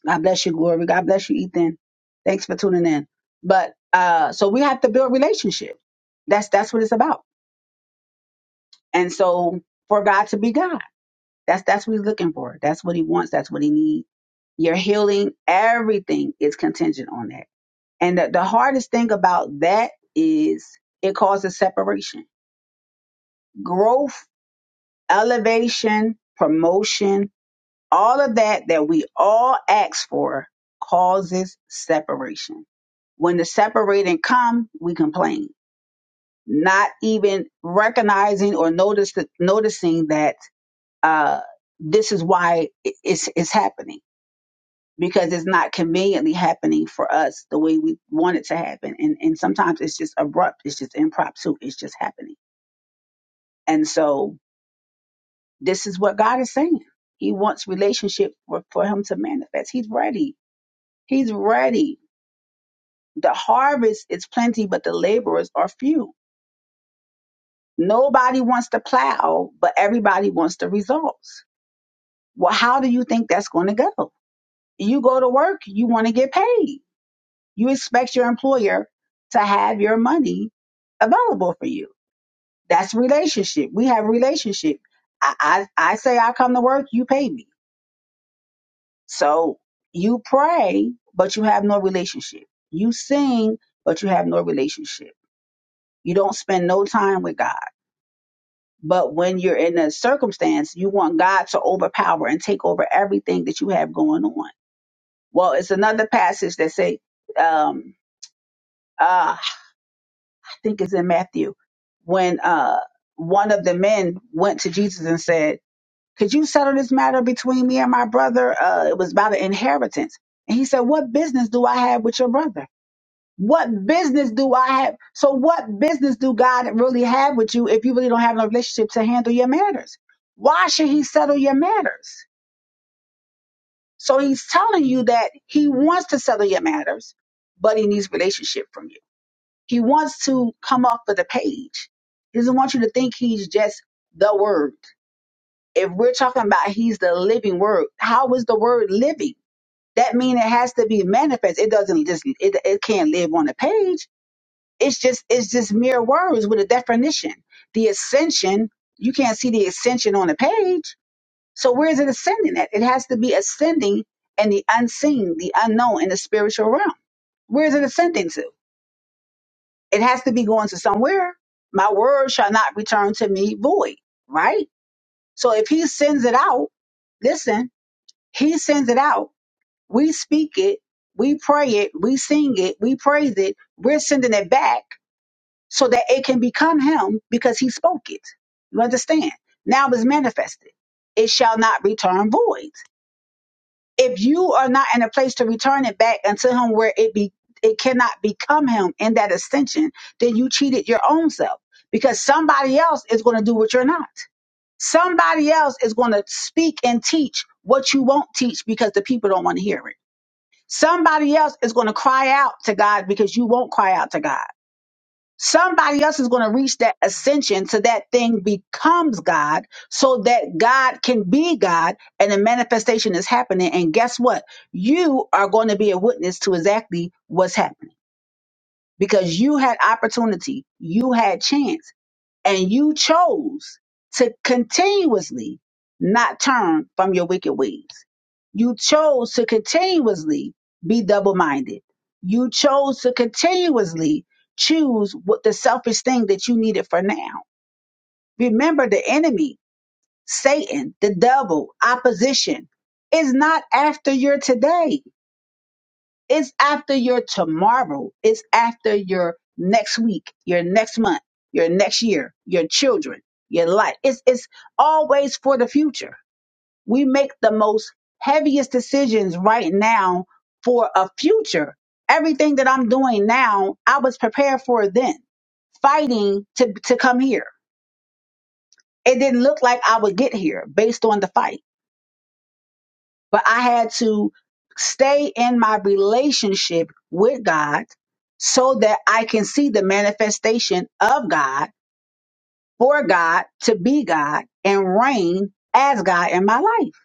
Speaker 1: God bless you, Glory. God bless you, Ethan. Thanks for tuning in. But uh, so we have to build relationship. That's that's what it's about. And so for God to be God, that's that's what he's looking for. That's what he wants. That's what he needs. Your healing, everything is contingent on that. And the, the hardest thing about that is it causes separation. Growth elevation, promotion, all of that that we all ask for causes separation. When the separating come, we complain, not even recognizing or notice noticing that uh, this is why it- it's it's happening because it's not conveniently happening for us the way we want it to happen, and and sometimes it's just abrupt, it's just impromptu, it's just happening, and so This is what God is saying. He wants relationship for, for him to manifest. He's ready. He's ready. The harvest is plenty, but the laborers are few. Nobody wants to plow, but everybody wants the results. Well, how do you think that's going to go? You go to work, you want to get paid. You expect your employer to have your money available for you. That's relationship. We have relationship. I, I, I say I come to work, you pay me. So you pray, but you have no relationship. You sing, but you have no relationship. You don't spend no time with God. But when you're in a circumstance, you want God to overpower and take over everything that you have going on. Well, it's another passage that say, um, uh, I think it's in Matthew, when uh, one of the men went to Jesus and said, "Could you settle this matter between me and my brother?" Uh, it was about an inheritance, and he said, "What business do I have with your brother?" What business do I have? So, what business do God really have with you if you really don't have no relationship to handle your matters? Why should He settle your matters? So, He's telling you that He wants to settle your matters, but He needs relationship from you. He wants to come off of the page. He doesn't want you to think He's just the Word. If we're talking about He's the living Word, how is the Word living? That means it has to be manifest. It doesn't just, it, it can't live on a page it's just it's just mere words with a definition. The ascension, you can't see the ascension on the page. So where is it ascending at? It has to be ascending in the unseen, the unknown, in the spiritual realm. Where is it ascending to? It has to be going to somewhere. My word shall not return to me void, right? So if he sends it out, listen, he sends it out. We speak it, we pray it, we sing it, we praise it, we're sending it back so that it can become him because he spoke it. You understand? Now it's manifested. It shall not return void. If you are not in a place to return it back unto him where it be it cannot become him in that ascension, then you cheated your own self because somebody else is going to do what you're not. Somebody else is going to speak and teach what you won't teach because the people don't want to hear it. Somebody else is going to cry out to God because you won't cry out to God. Somebody else is going to reach that ascension so that thing becomes God, so that God can be God and the manifestation is happening. And guess what? You are going to be a witness to exactly what's happening because you had opportunity, you had chance and you chose to continuously not turn from your wicked ways. You chose to continuously be double minded. You chose to continuously choose what the selfish thing that you needed for now. Remember the enemy, Satan, the devil, opposition is not after your today. It's after your tomorrow. It's after your next week, your next month, your next year, your children, your life. It's it's always for the future. We make the most heaviest decisions right now for a future. Everything that I'm doing now, I was prepared for then, fighting to to come here. It didn't look like I would get here based on the fight but I had to stay in my relationship with God so that I can see the manifestation of God for God to be God and reign as God in my life.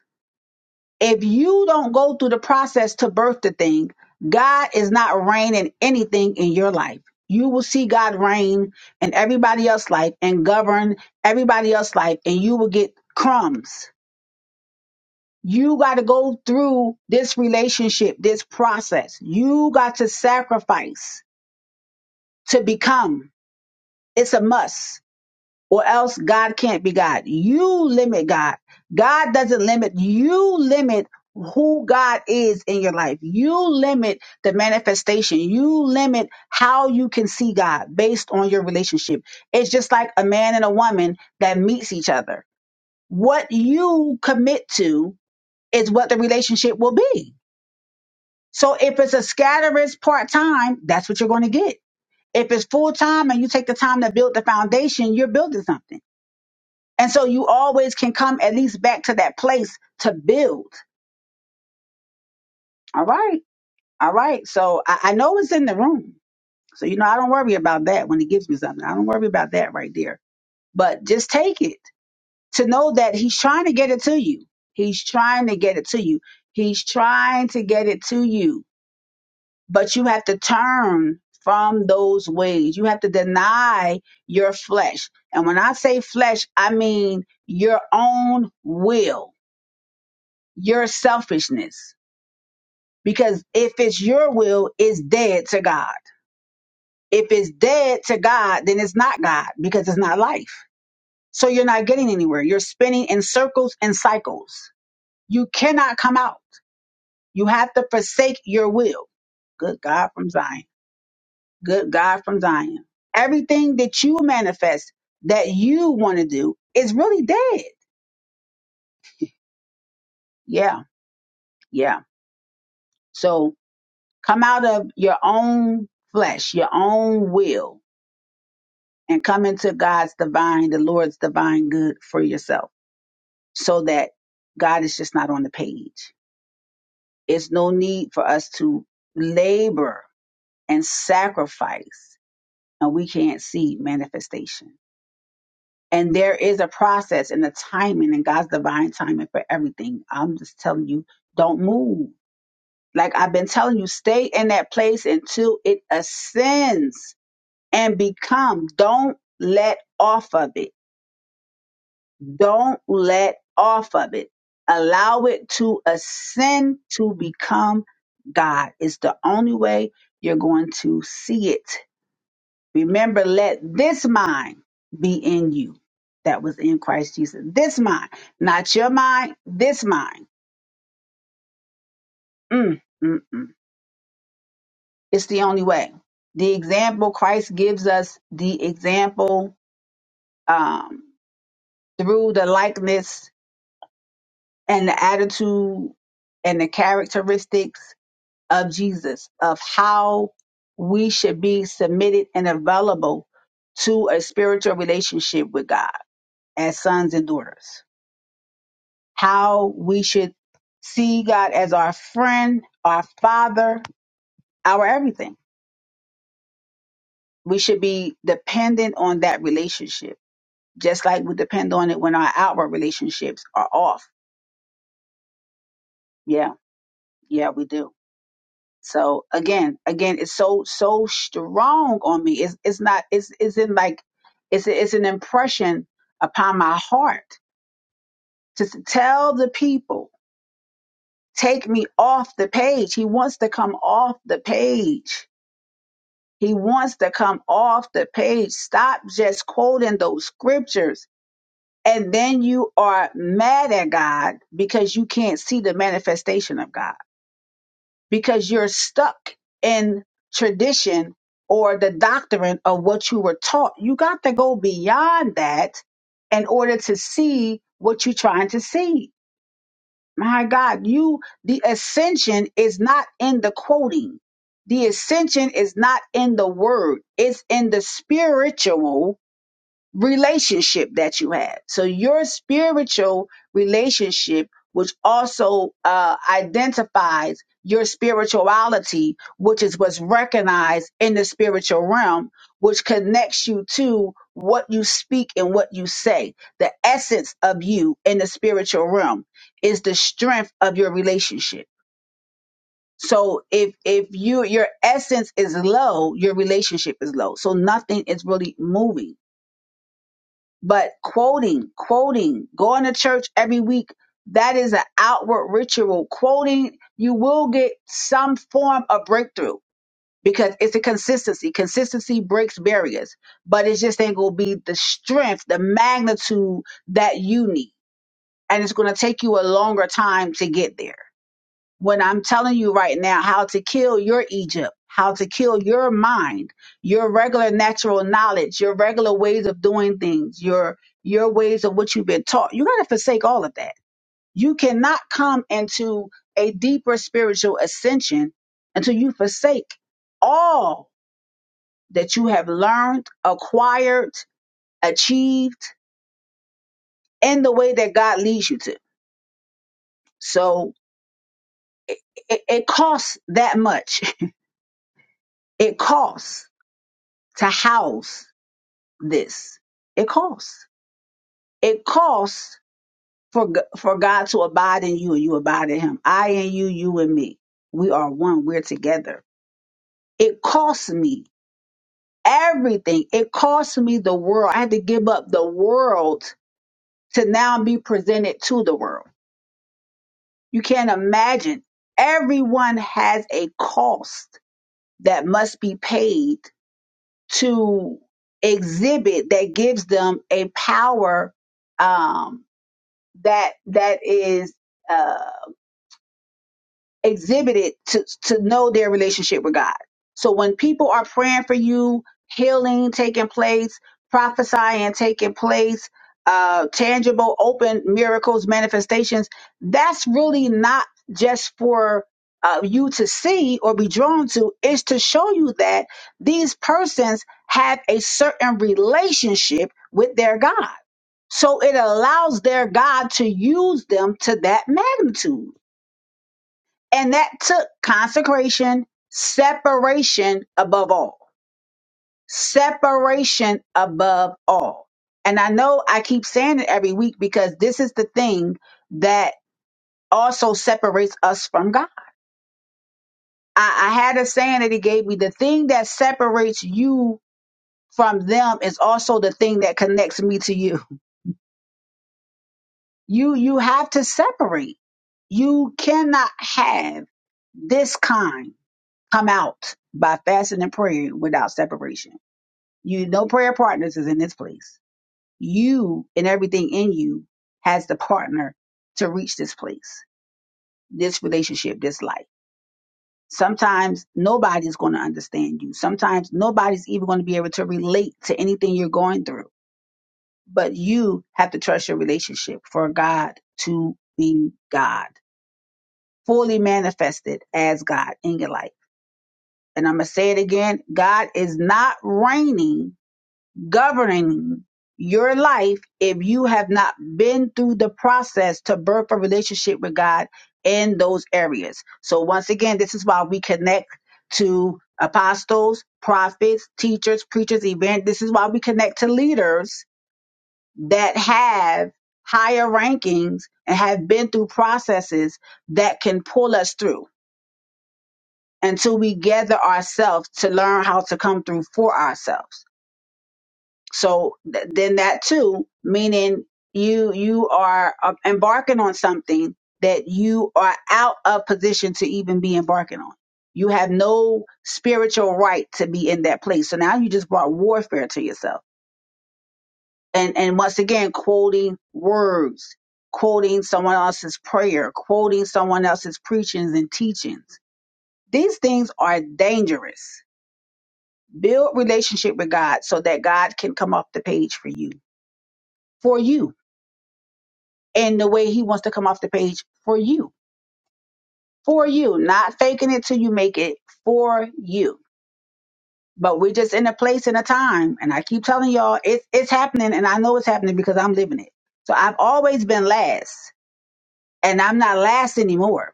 Speaker 1: If you don't go through the process to birth the thing, God is not reigning anything in your life. You will see God reign in everybody else's life and govern everybody else's life, and you will get crumbs You got to go through this relationship, this process. You got to sacrifice to become. It's a must, or else God can't be God. You limit God. God doesn't limit. You limit who God is in your life. You limit the manifestation. You limit how you can see God based on your relationship. It's just like a man and a woman that meets each other. What you commit to is what the relationship will be So if it's a scatterist part time, that's what you're going to get. If it's full time and you take the time to build the foundation, you're building something. And so you always can come at least back to that place to build. All right. All right. So I, I know it's in the room. So, you know, I don't worry about that when he gives me something. I don't worry about that right there. But just take it to know that he's trying to get it to you. He's trying to get it to you. He's trying to get it to you but you have to turn from those ways. You have to deny your flesh. And when I say flesh, I mean your own will, your selfishness. Because if it's your will, it's dead to God. If it's dead to God, then it's not God because it's not life. So you're not getting anywhere. You're spinning in circles and cycles. You cannot come out. You have to forsake your will. Good God from Zion. good God from Zion. Everything that you manifest that you want to do is really dead. Yeah, yeah. So come out of your own flesh, your own will, and come into God's divine, the Lord's divine good for yourself so that God is just not on the page. It's no need for us to labor and sacrifice and we can't see manifestation. And there is a process and a timing and God's divine timing for everything. I'm just telling you, don't move. Like I've been telling you, stay in that place until it ascends and become. Don't let off of it. Don't let off of it. Allow it to ascend to become God. It's the only way you're going to see it. Remember, let this mind be in you. that was in Christ Jesus. This mind, not your mind, this mind. Mm, mm, mm. It's the only way. The example Christ gives us, the example um, through the likeness and the attitude and the characteristics of Jesus, of how we should be submitted and available to a spiritual relationship with God as sons and daughters. how we should see God as our friend, our father, our everything. We should be dependent on that relationship, just like we depend on it when our outward relationships are off. Yeah, yeah, we do. So again, again, it's so so strong on me. It's it's not it's it's in like it's it's an impression upon my heart to s- tell the people take me off the page. He wants to come off the page He wants to come off the page. Stop just quoting those scriptures. And then you are mad at God because you can't see the manifestation of God, because you're stuck in tradition or the doctrine of what you were taught. You got to go beyond that in order to see what you're trying to see. My God, you, the ascension is not in the quoting. The ascension is not in the word. It's in the spiritual relationship that you have. So your spiritual relationship, which also uh, identifies your spirituality, which is what's recognized in the spiritual realm, which connects you to what you speak and what you say. The essence of you in the spiritual realm is the strength of your relationship. So if if you your essence is low, your relationship is low. So nothing is really moving but quoting, quoting, going to church every week, that is an outward ritual. Quoting, you will get some form of breakthrough because it's a consistency. Consistency breaks barriers, but it just ain't gonna be the strength, the magnitude that you need. And it's gonna take you a longer time to get there when I'm telling you right now how to kill your Egypt, how to kill your mind, your regular natural knowledge, your regular ways of doing things, your your ways of what you've been taught. You got to forsake all of that. You cannot come into a deeper spiritual ascension until you forsake all that you have learned, acquired, achieved in the way that God leads you to. So it, it costs that much. It costs to house this. It costs. It costs for G- for God to abide in you and you abide in Him. I and you, you and me. We are one. We're together. It costs me everything. It costs me the world. I had to give up the world to now be presented to the world. You can't imagine. Everyone has a cost that must be paid to exhibit that gives them a power um, that that is uh, exhibited to to know their relationship with God. So when people are praying for you, healing taking place, prophesying taking place, uh, tangible open miracles manifestations, that's really not just for uh, you to see or be drawn to. It's to show you that these persons have a certain relationship with their God so it allows their God to use them to that magnitude. And that took consecration, separation above all. Separation above all. And I know I keep saying it every week because this is the thing that also separates us from God. I, I had a saying that he gave me the thing that separates you from them is also the thing that connects me to you. You you have to separate. You cannot have this kind come out by fasting and praying without separation. You no prayer partners is in this place. You and everything in you has the partner to reach this place, this relationship, this life. Sometimes nobody's going to understand you. Sometimes nobody's even going to be able to relate to anything you're going through. But you have to trust your relationship for God to be God, fully manifested as God in your life and I'm going to say it again God is not reigning, governing your life if you have not been through the process to birth a relationship with God in those areas. So, once again, this is why we connect to apostles, prophets, teachers, preachers, event. This is why we connect to leaders that have higher rankings and have been through processes that can pull us through until we gather ourselves to learn how to come through for ourselves. So th- then that too, meaning you you are uh, embarking on something that you are out of position to even be embarking on. You have no spiritual right to be in that place. So now you just brought warfare to yourself. And and once again, quoting words, quoting someone else's prayer, quoting someone else's preachings and teachings. These things are dangerous Build relationship with God so that God can come off the page for you, for you, and the way He wants to come off the page for you, for you, not faking it till you make it for you. But we're just in a place and a time, and I keep telling y'all, it's it's happening, and I know it's happening because I'm living it. So I've always been last, and I'm not last anymore.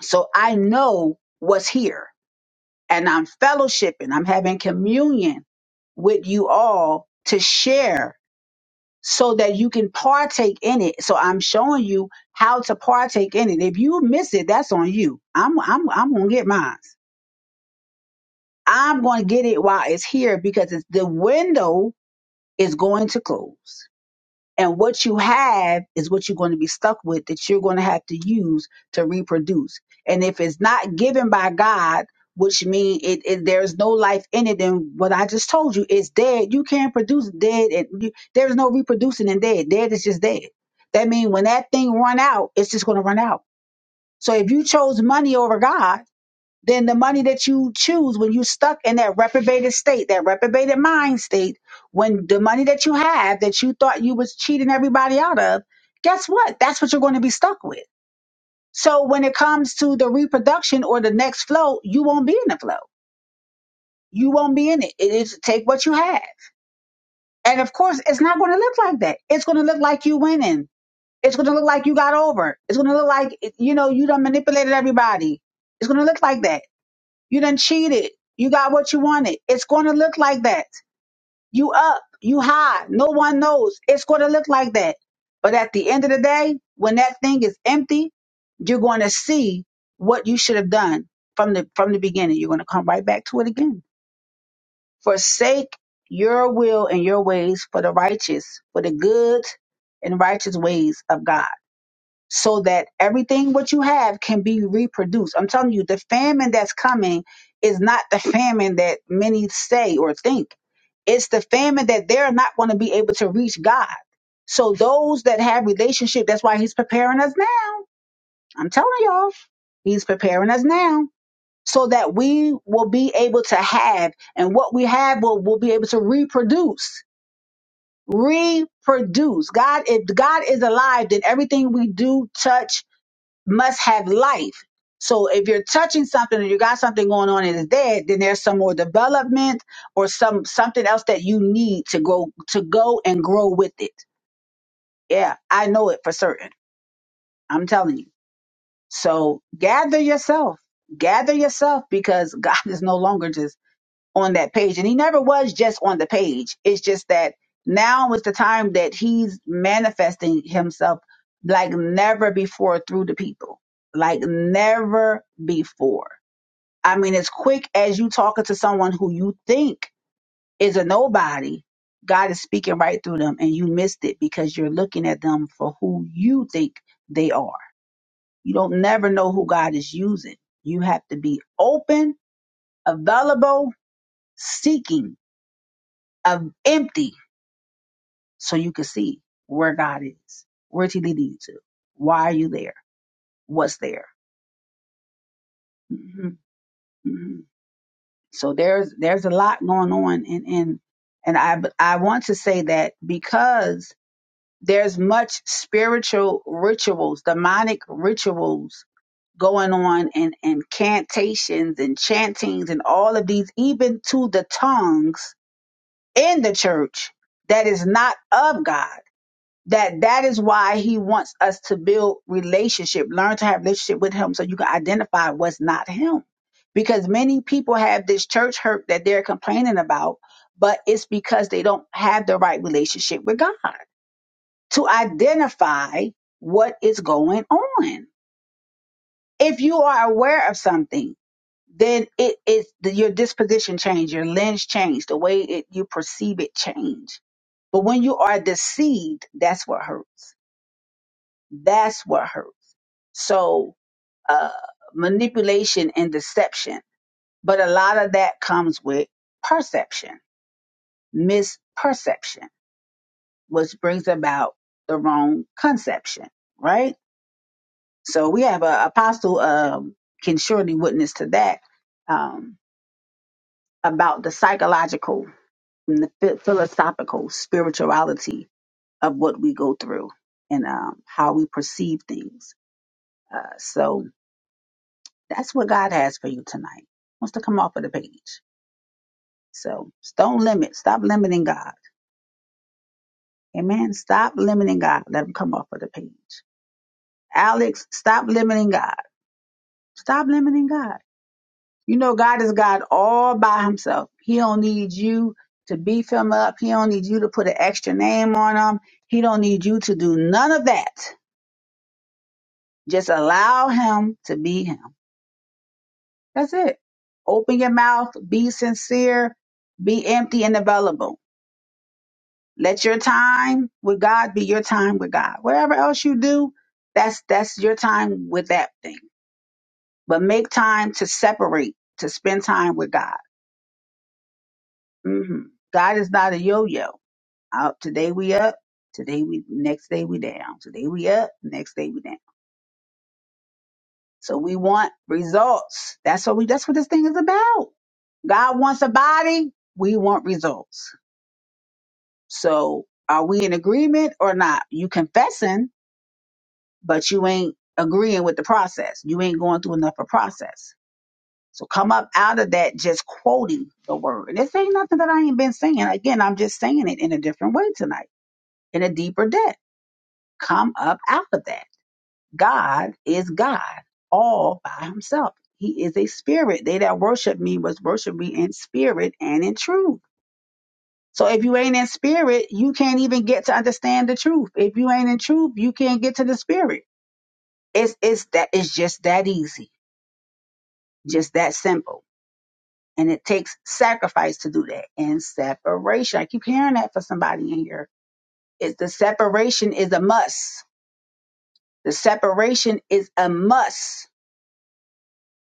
Speaker 1: So I know what's here, and I'm fellowshipping, I'm having communion with you all to share so that you can partake in it. So I'm showing you how to partake in it. If you miss it, that's on you. I'm I'm I'm gonna get mine. I'm gonna get it while it's here because it's, the window is going to close. And what you have is what you're going to be stuck with that you're going to have to use to reproduce. And if it's not given by God, which means it, it there's no life in it, then what I just told you is dead. You can't produce dead, and you, there's no reproducing in dead. Dead is just dead. That means when that thing run out, it's just going to run out. So if you chose money over God then the money that you choose when you're stuck in that reprobated state, that reprobated mind state, when the money that you have that you thought you was cheating everybody out of, guess what? That's what you're going to be stuck with. So when it comes to the reproduction or the next flow, you won't be in the flow. You won't be in it. It is take what you have. And of course, it's not going to look like that. It's going to look like you winning. It's going to look like you got over. It's going to look like, you know, you done manipulated everybody. It's going to look like that You done cheated. You got what you wanted. It's going to look like that. You up, you high. No one knows. It's going to look like that. But at the end of the day, when that thing is empty, you're going to see what you should have done from the from the beginning. You're going to come right back to it again. Forsake your will and your ways for the righteous, for the good and righteous ways of God so that everything what you have can be reproduced. I'm telling you, the famine that's coming is not the famine that many say or think. It's the famine that they're not going to be able to reach God. So those that have relationship, that's why he's preparing us now. I'm telling y'all, he's preparing us now so that we will be able to have and what we have will, will be able to reproduce. Reproduce. God, if God is alive, then everything we do, touch, must have life. So if you're touching something and you got something going on and it's dead, then there's some more development or some something else that you need to go to go and grow with it. Yeah, I know it for certain. I'm telling you. So gather yourself. Gather yourself because God is no longer just on that page. And he never was just on the page. It's just that now is the time that he's manifesting himself like never before through the people, like never before. I mean, as quick as you talking to someone who you think is a nobody, God is speaking right through them and you missed it because you're looking at them for who you think they are. You don't never know who God is using. You have to be open, available, seeking um, empty so you can see where God is. Where did he lead you to? Why are you there? What's there? hmm hmm So there's there's a lot going on, and and and I I want to say that because there's much spiritual rituals, demonic rituals going on, and incantations and chantings and all of these, even to the tongues in the church that is not of God that that is why he wants us to build relationship learn to have relationship with him so you can identify what's not him because many people have this church hurt that they're complaining about but it's because they don't have the right relationship with god to identify what is going on if you are aware of something then it is the, your disposition change your lens change the way it, you perceive it change but when you are deceived that's what hurts That's what hurts. So uh, manipulation and deception, but a lot of that comes with perception, misperception, which brings about the wrong conception, right? So we have a apostle um, can surely witness to that um, about the psychological and the phi- philosophical spirituality of what we go through and um, how we perceive things. Uh, so That's what God has for you tonight. Wants to come off of the page. So s- don't limit. Stop limiting God. Amen. Stop limiting God. Let him come off of the page. Alex, stop limiting God. Stop limiting God. You know, God is God all by himself. He don't need you to beef him up. He don't need you to put an extra name on him. He don't need you to do none of that. Just allow him to be him. That's it. Open your mouth. Be sincere. Be empty and available Let your time with God be your time with God. Whatever else you do, that's that's your time with that thing. But make time to separate, to spend time with God. hmm God is not a yo-yo. Out today we up, today we next day we down. Today we up, next day we down. So we want results. That's what we. That's what this thing is about. God wants a body. We want results. So are we in agreement or not? You confessing but you ain't agreeing with the process. You ain't going through enough of process. So come up out of that just quoting the word. And this ain't nothing that I ain't been saying. Again, I'm just saying it in a different way tonight, in a deeper depth. Come up out of that. God is God all by himself. He is a spirit. They that worship me must worship me in spirit and in truth. So if you ain't in spirit, you can't even get to understand the truth. If you ain't in truth, you can't get to the spirit. It's it's that it's just that easy. Just that simple. And it takes sacrifice to do that and separation. I keep hearing that for somebody in here. It's the separation is a must. The separation is a must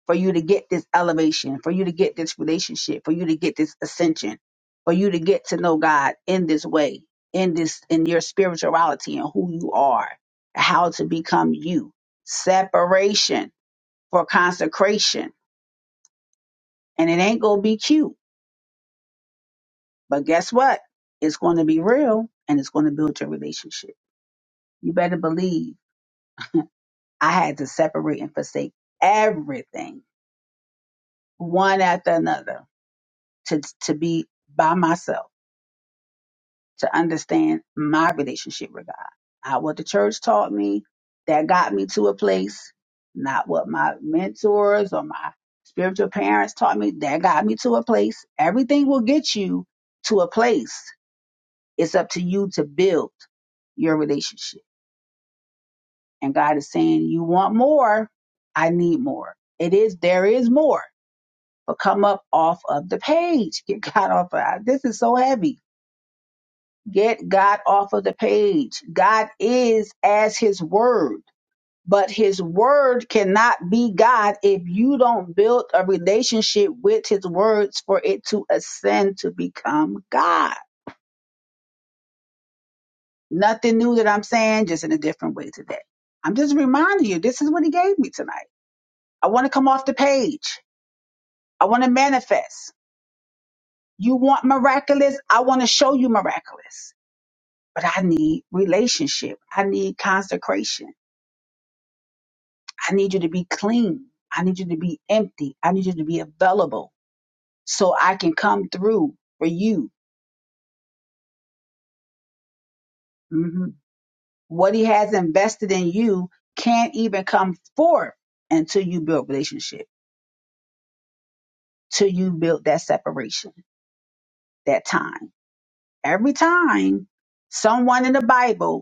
Speaker 1: for you to get this elevation, for you to get this relationship, for you to get this ascension, for you to get to know God in this way, in this, in your spirituality and who you are, how to become you. Separation for consecration. And it ain't gonna be cute But guess what? It's going to be real and it's going to build your relationship. You better believe I had to separate and forsake everything, one after another, to, to be by myself, to understand my relationship with God. Not what the church taught me that got me to a place, not what my mentors or my spiritual parents taught me that got me to a place. Everything will get you to a place. It's up to you to build your relationship And God is saying, You want more? I need more. It is, there is more. But come up off of the page. Get God off of this is so heavy. Get God off of the page. God is as his word. But his word cannot be God if you don't build a relationship with his words for it to ascend to become God. Nothing new that I'm saying, just in a different way today. I'm just reminding you, this is what he gave me tonight. I want to come off the page. I want to manifest. You want miraculous? I want to show you miraculous. But I need relationship. I need consecration. I need you to be clean. I need you to be empty. I need you to be available so I can come through for you. Mhm. What he has invested in you can't even come forth until you build relationship, till you build that separation, that time. Every time someone in the Bible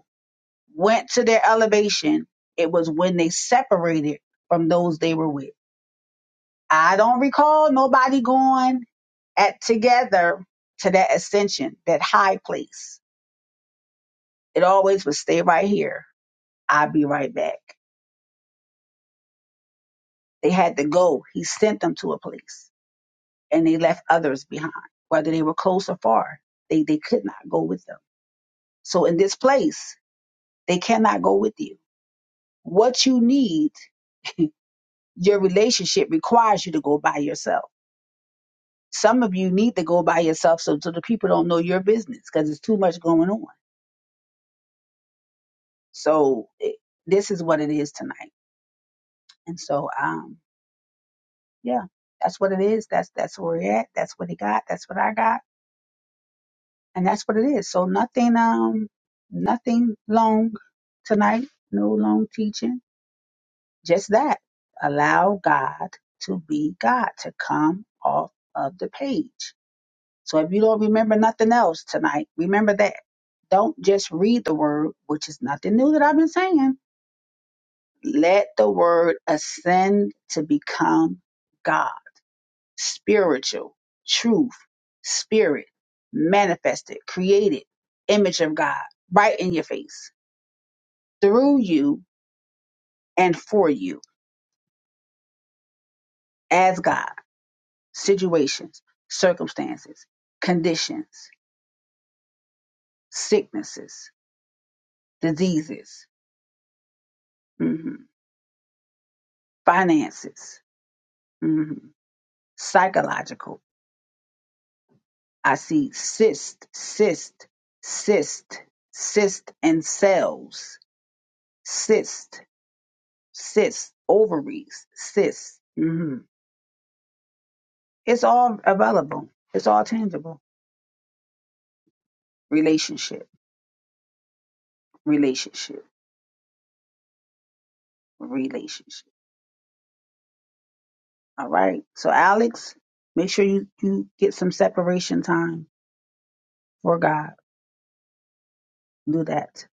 Speaker 1: went to their elevation, it was when they separated from those they were with. I don't recall nobody going at together to that ascension, that high place. It always would stay right here. I'll be right back. They had to go. He sent them to a place and they left others behind, whether they were close or far. They, they could not go with them. So in this place, they cannot go with you. What you need, your relationship requires you to go by yourself Some of you need to go by yourself so, so the people don't know your business because it's too much going on. So it, this is what it is tonight. And so, um, yeah, that's what it is. That's, that's where we're at. That's what he got. That's what I got. And that's what it is. So nothing, um, nothing long tonight. No long teaching. Just that. Allow God to be God, to come off of the page So if you don't remember nothing else tonight, remember that. Don't just read the word, which is nothing new that I've been saying. Let the word ascend to become God, spiritual, truth, spirit, manifested, created, image of God, right in your face, through you and for you, as God, situations, circumstances, conditions, sicknesses, diseases, mhm, finances Mhm. Psychological. I see cyst, cyst, cyst, cyst and cells, cyst, cyst, ovaries, cyst. hmm It's all available. It's all tangible. Relationship, relationship, relationship. All right. So Alex, make sure you, you get some separation time for God. Do that.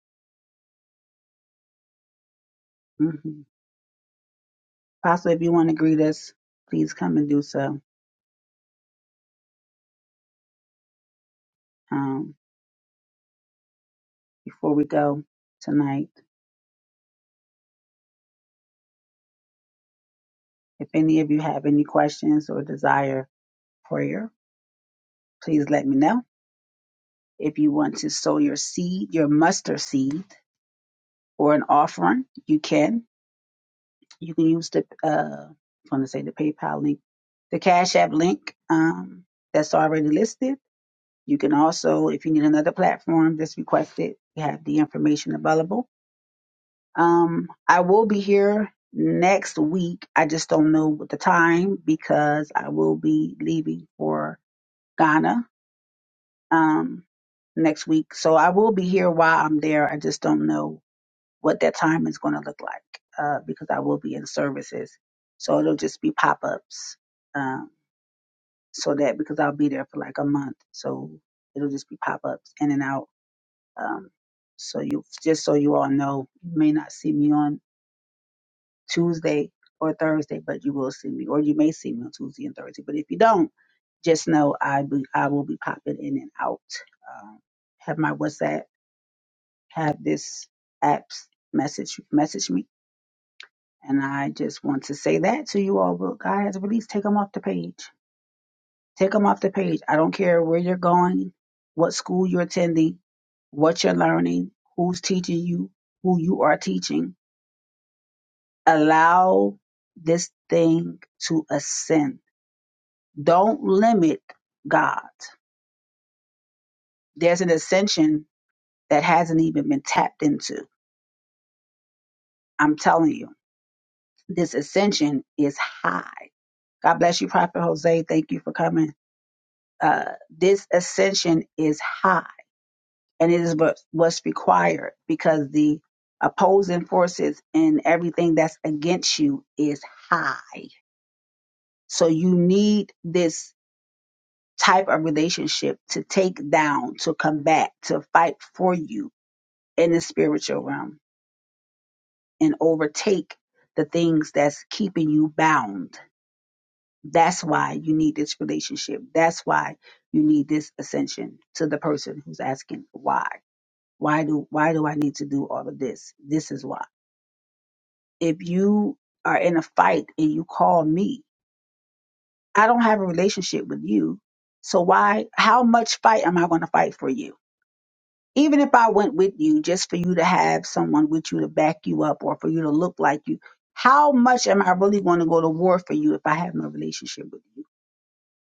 Speaker 1: hmm Possibly if you want to greet us, please come and do so. Um, before we go tonight. If any of you have any questions or desire prayer, please let me know. If you want to sow your seed, your mustard seed, or an offering, you can. You can use the, uh, I want to say the PayPal link, the Cash App link um, that's already listed. You can also, if you need another platform, just request it. We have the information available Um, I will be here next week. I just don't know what the time because I will be leaving for Ghana um, next week. So I will be here while I'm there. I just don't know what that time is going to look like uh, because I will be in services. So it'll just be pop ups. Um, so that because I'll be there for like a month. So it'll just be pop ups in and out. Um, so you just so you all know, you may not see me on Tuesday or Thursday, but you will see me, or you may see me on Tuesday and Thursday. But if you don't, just know I be, I will be popping in and out. Um, have my WhatsApp, have this app's message message me, and I just want to say that to you all. But God has take them off the page. Take them off the page. I don't care where you're going, what school you're attending, what you're learning, who's teaching you, who you are teaching. Allow this thing to ascend Don't limit God. There's an ascension that hasn't even been tapped into. I'm telling you, this ascension is high. God bless you, Prophet Jose. Thank you for coming. Uh, this ascension is high and it is what, what's required because the opposing forces and everything that's against you is high. So you need this type of relationship to take down, to combat, to fight for you in the spiritual realm and overtake the things that's keeping you bound. That's why you need this relationship. That's why you need this ascension to the person who's asking why. Why do why do I need to do all of this? This is why. If you are in a fight and you call me, I don't have a relationship with you. So why how much fight am I going to fight for you? Even if I went with you just for you to have someone with you to back you up or for you to look like you, how much am I really going to go to war for you if I have no relationship with you?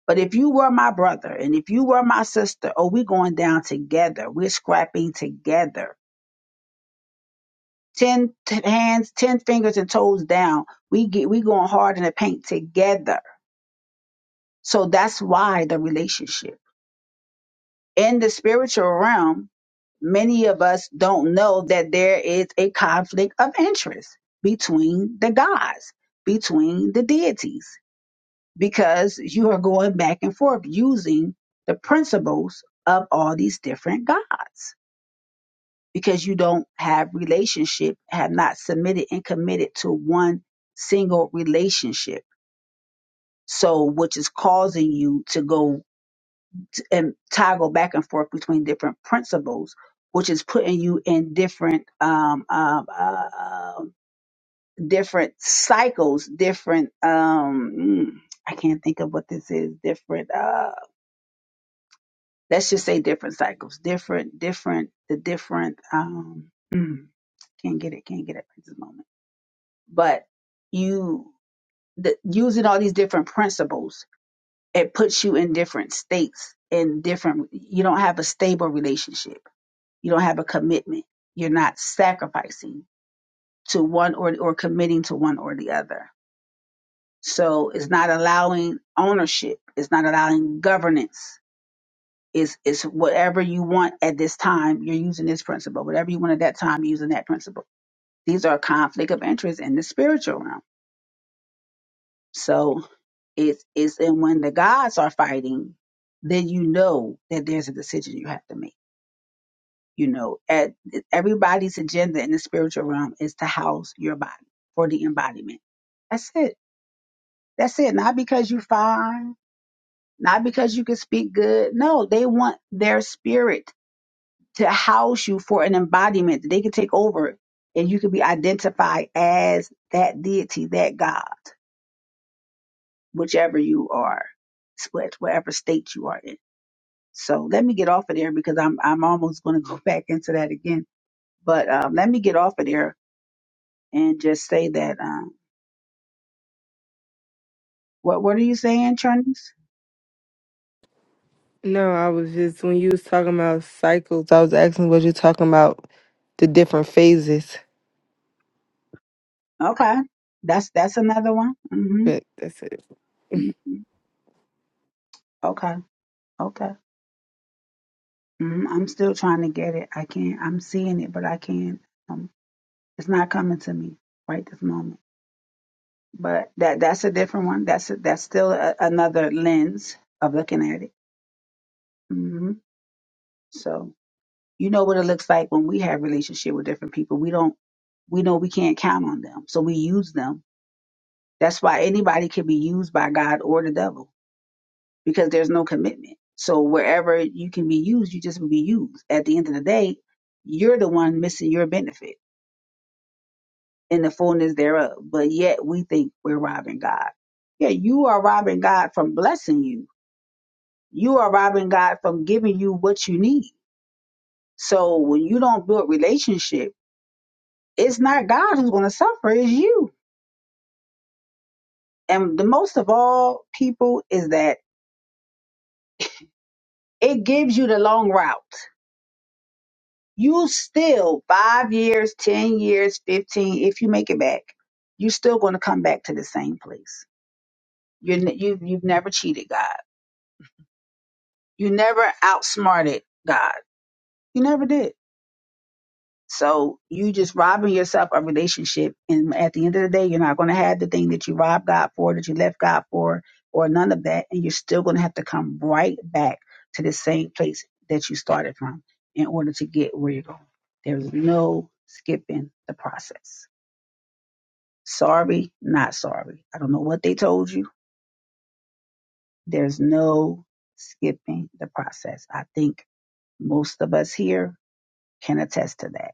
Speaker 1: But if you were my brother and if you were my sister, oh, we going down together. We're scrapping together. Ten t- hands, ten fingers and toes down. We get we going hard in the paint together. So that's why the relationship. In the spiritual realm, many of us don't know that there is a conflict of interest between the gods, between the deities, because you are going back and forth using the principles of all these different gods because you don't have relationship, have not submitted and committed to one single relationship. So, which is causing you to go t- and toggle back and forth between different principles, which is putting you in different um, um, uh, um, different cycles, different. Um, mm, I can't think of what this is. Different. Uh, let's just say different cycles. Different. Different. The different. Um, mm, can't get it. Can't get it at this moment. But you the, using all these different principles, it puts you in different states. In different, you don't have a stable relationship You don't have a commitment. You're not sacrificing to one or, or committing to one or the other. So it's not allowing ownership. It's not allowing governance. It's, it's whatever you want at this time, you're using this principle. Whatever you want at that time, you're using that principle. These are conflict of interest in the spiritual realm. So it's, it's, and when the gods are fighting, then you know that there's a decision you have to make You know, at everybody's agenda in the spiritual realm is to house your body for the embodiment. That's it. That's it. Not because you're fine, not because you can speak good. No, they want their spirit to house you for an embodiment that they can take over and you can be identified as that deity, that God, whichever you are, what- whatever state you are in. So let me get off of there because I'm I'm almost going to go back into that again. But um, let me get off of there and just say that. Um, what What are you saying, Trinice?
Speaker 3: No, I was just when you was talking about cycles, I was asking what you're talking about the different phases.
Speaker 1: Okay, that's that's another one. Mm-hmm.
Speaker 3: But that's it.
Speaker 1: Mm, Okay, okay. hmm I'm still trying to get it. I can't. I'm seeing it, but I can't. Um, it's not coming to me right this moment. But that that's a different one. That's a, that's still a, another lens of looking at it. hmm So you know what it looks like when we have relationship with different people. We don't. We know we can't count on them, so we use them. That's why anybody can be used by God or the devil because there's no commitment. So wherever you can be used, you just will be used. At the end of the day, you're the one missing your benefit in the fullness thereof. But yet we think we're robbing God. Yeah, you are robbing God from blessing you. You are robbing God from giving you what you need. So when you don't build relationship, it's not God who's going to suffer, it's you. And the most of all people is that it gives you the long route you still five years, 10 years, 15, if you make it back, you're still going to come back to the same place. You're, n- you you've never cheated God. You never outsmarted God. You never did. So you just robbing yourself of relationship. And at the end of the day, you're not going to have the thing that you robbed God for, that you left God for, or none of that. And you're still going to have to come right back to the same place that you started from in order to get where you're going. There's no skipping the process. Sorry, not sorry. I don't know what they told you. There's no skipping the process. I think most of us here can attest to that.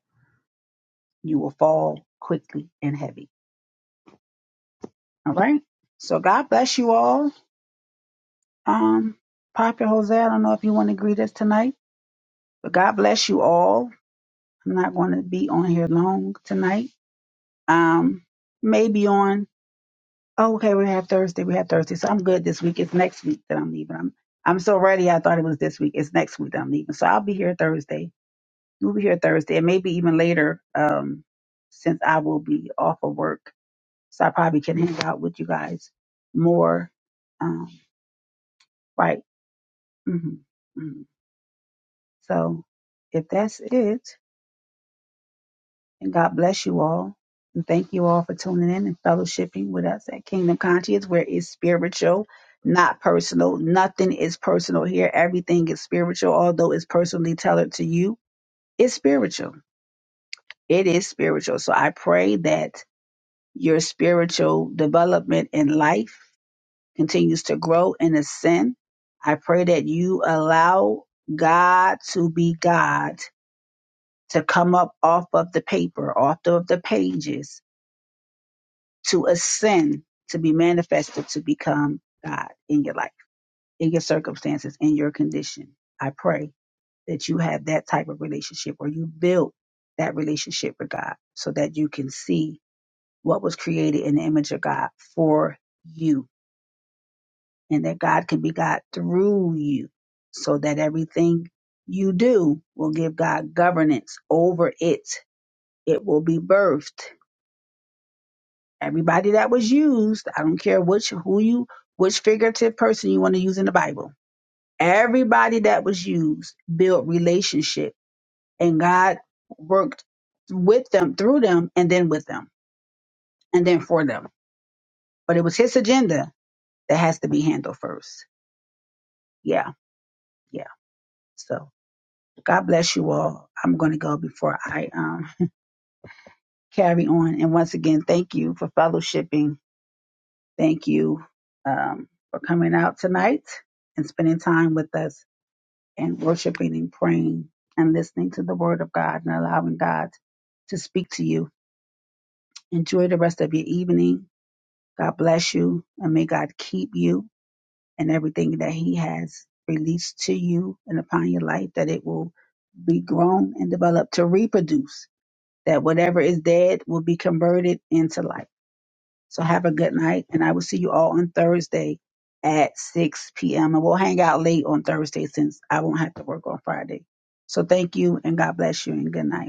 Speaker 1: You will fall quickly and heavy. All right. So God bless you all. Um, Prophet Jose, I don't know if you want to greet us tonight, but God bless you all. I'm not going to be on here long tonight. Um, maybe on. Oh, okay, we have Thursday. We have Thursday. So I'm good this week. It's next week that I'm leaving. I'm I'm so ready. I thought it was this week. It's next week that I'm leaving. So I'll be here Thursday. We'll be here Thursday and maybe even later, um, since I will be off of work. So I probably can hang out with you guys more. Um, right. hmm hmm So if that's it. And God bless you all. And thank you all for tuning in and fellowshipping with us at Kingdom Conscience, where it's spiritual, not personal. Nothing is personal here. Everything is spiritual, although it's personally tailored to you. It's spiritual. It is spiritual. So I pray that your spiritual development in life continues to grow and ascend. I pray that you allow God to be God to come up off of the paper, off of the pages to ascend, to be manifested, to become God in your life, in your circumstances, in your condition. I pray that you have that type of relationship or you build that relationship with God so that you can see what was created in the image of God for you and that God can be God through you so that everything you do will give God governance over it. It will be birthed Everybody that was used, I don't care which who you which figurative person you want to use in the Bible. Everybody that was used built relationship and God worked with them, through them, and then with them, and then for them. But it was his agenda that has to be handled first. Yeah, yeah. So God bless you all. I'm gonna go before I um carry on. And once again, thank you for fellowshipping. Thank you um for coming out tonight and spending time with us and worshiping and praying and listening to the word of God and allowing God to speak to you. Enjoy the rest of your evening. God bless you and may God keep you and everything that He has released to you and upon your life that it will be grown and developed to reproduce, that whatever is dead will be converted into life. So have a good night, and I will see you all on Thursday at 6 p.m. And we'll hang out late on Thursday since I won't have to work on Friday. So thank you, and God bless you, and good night.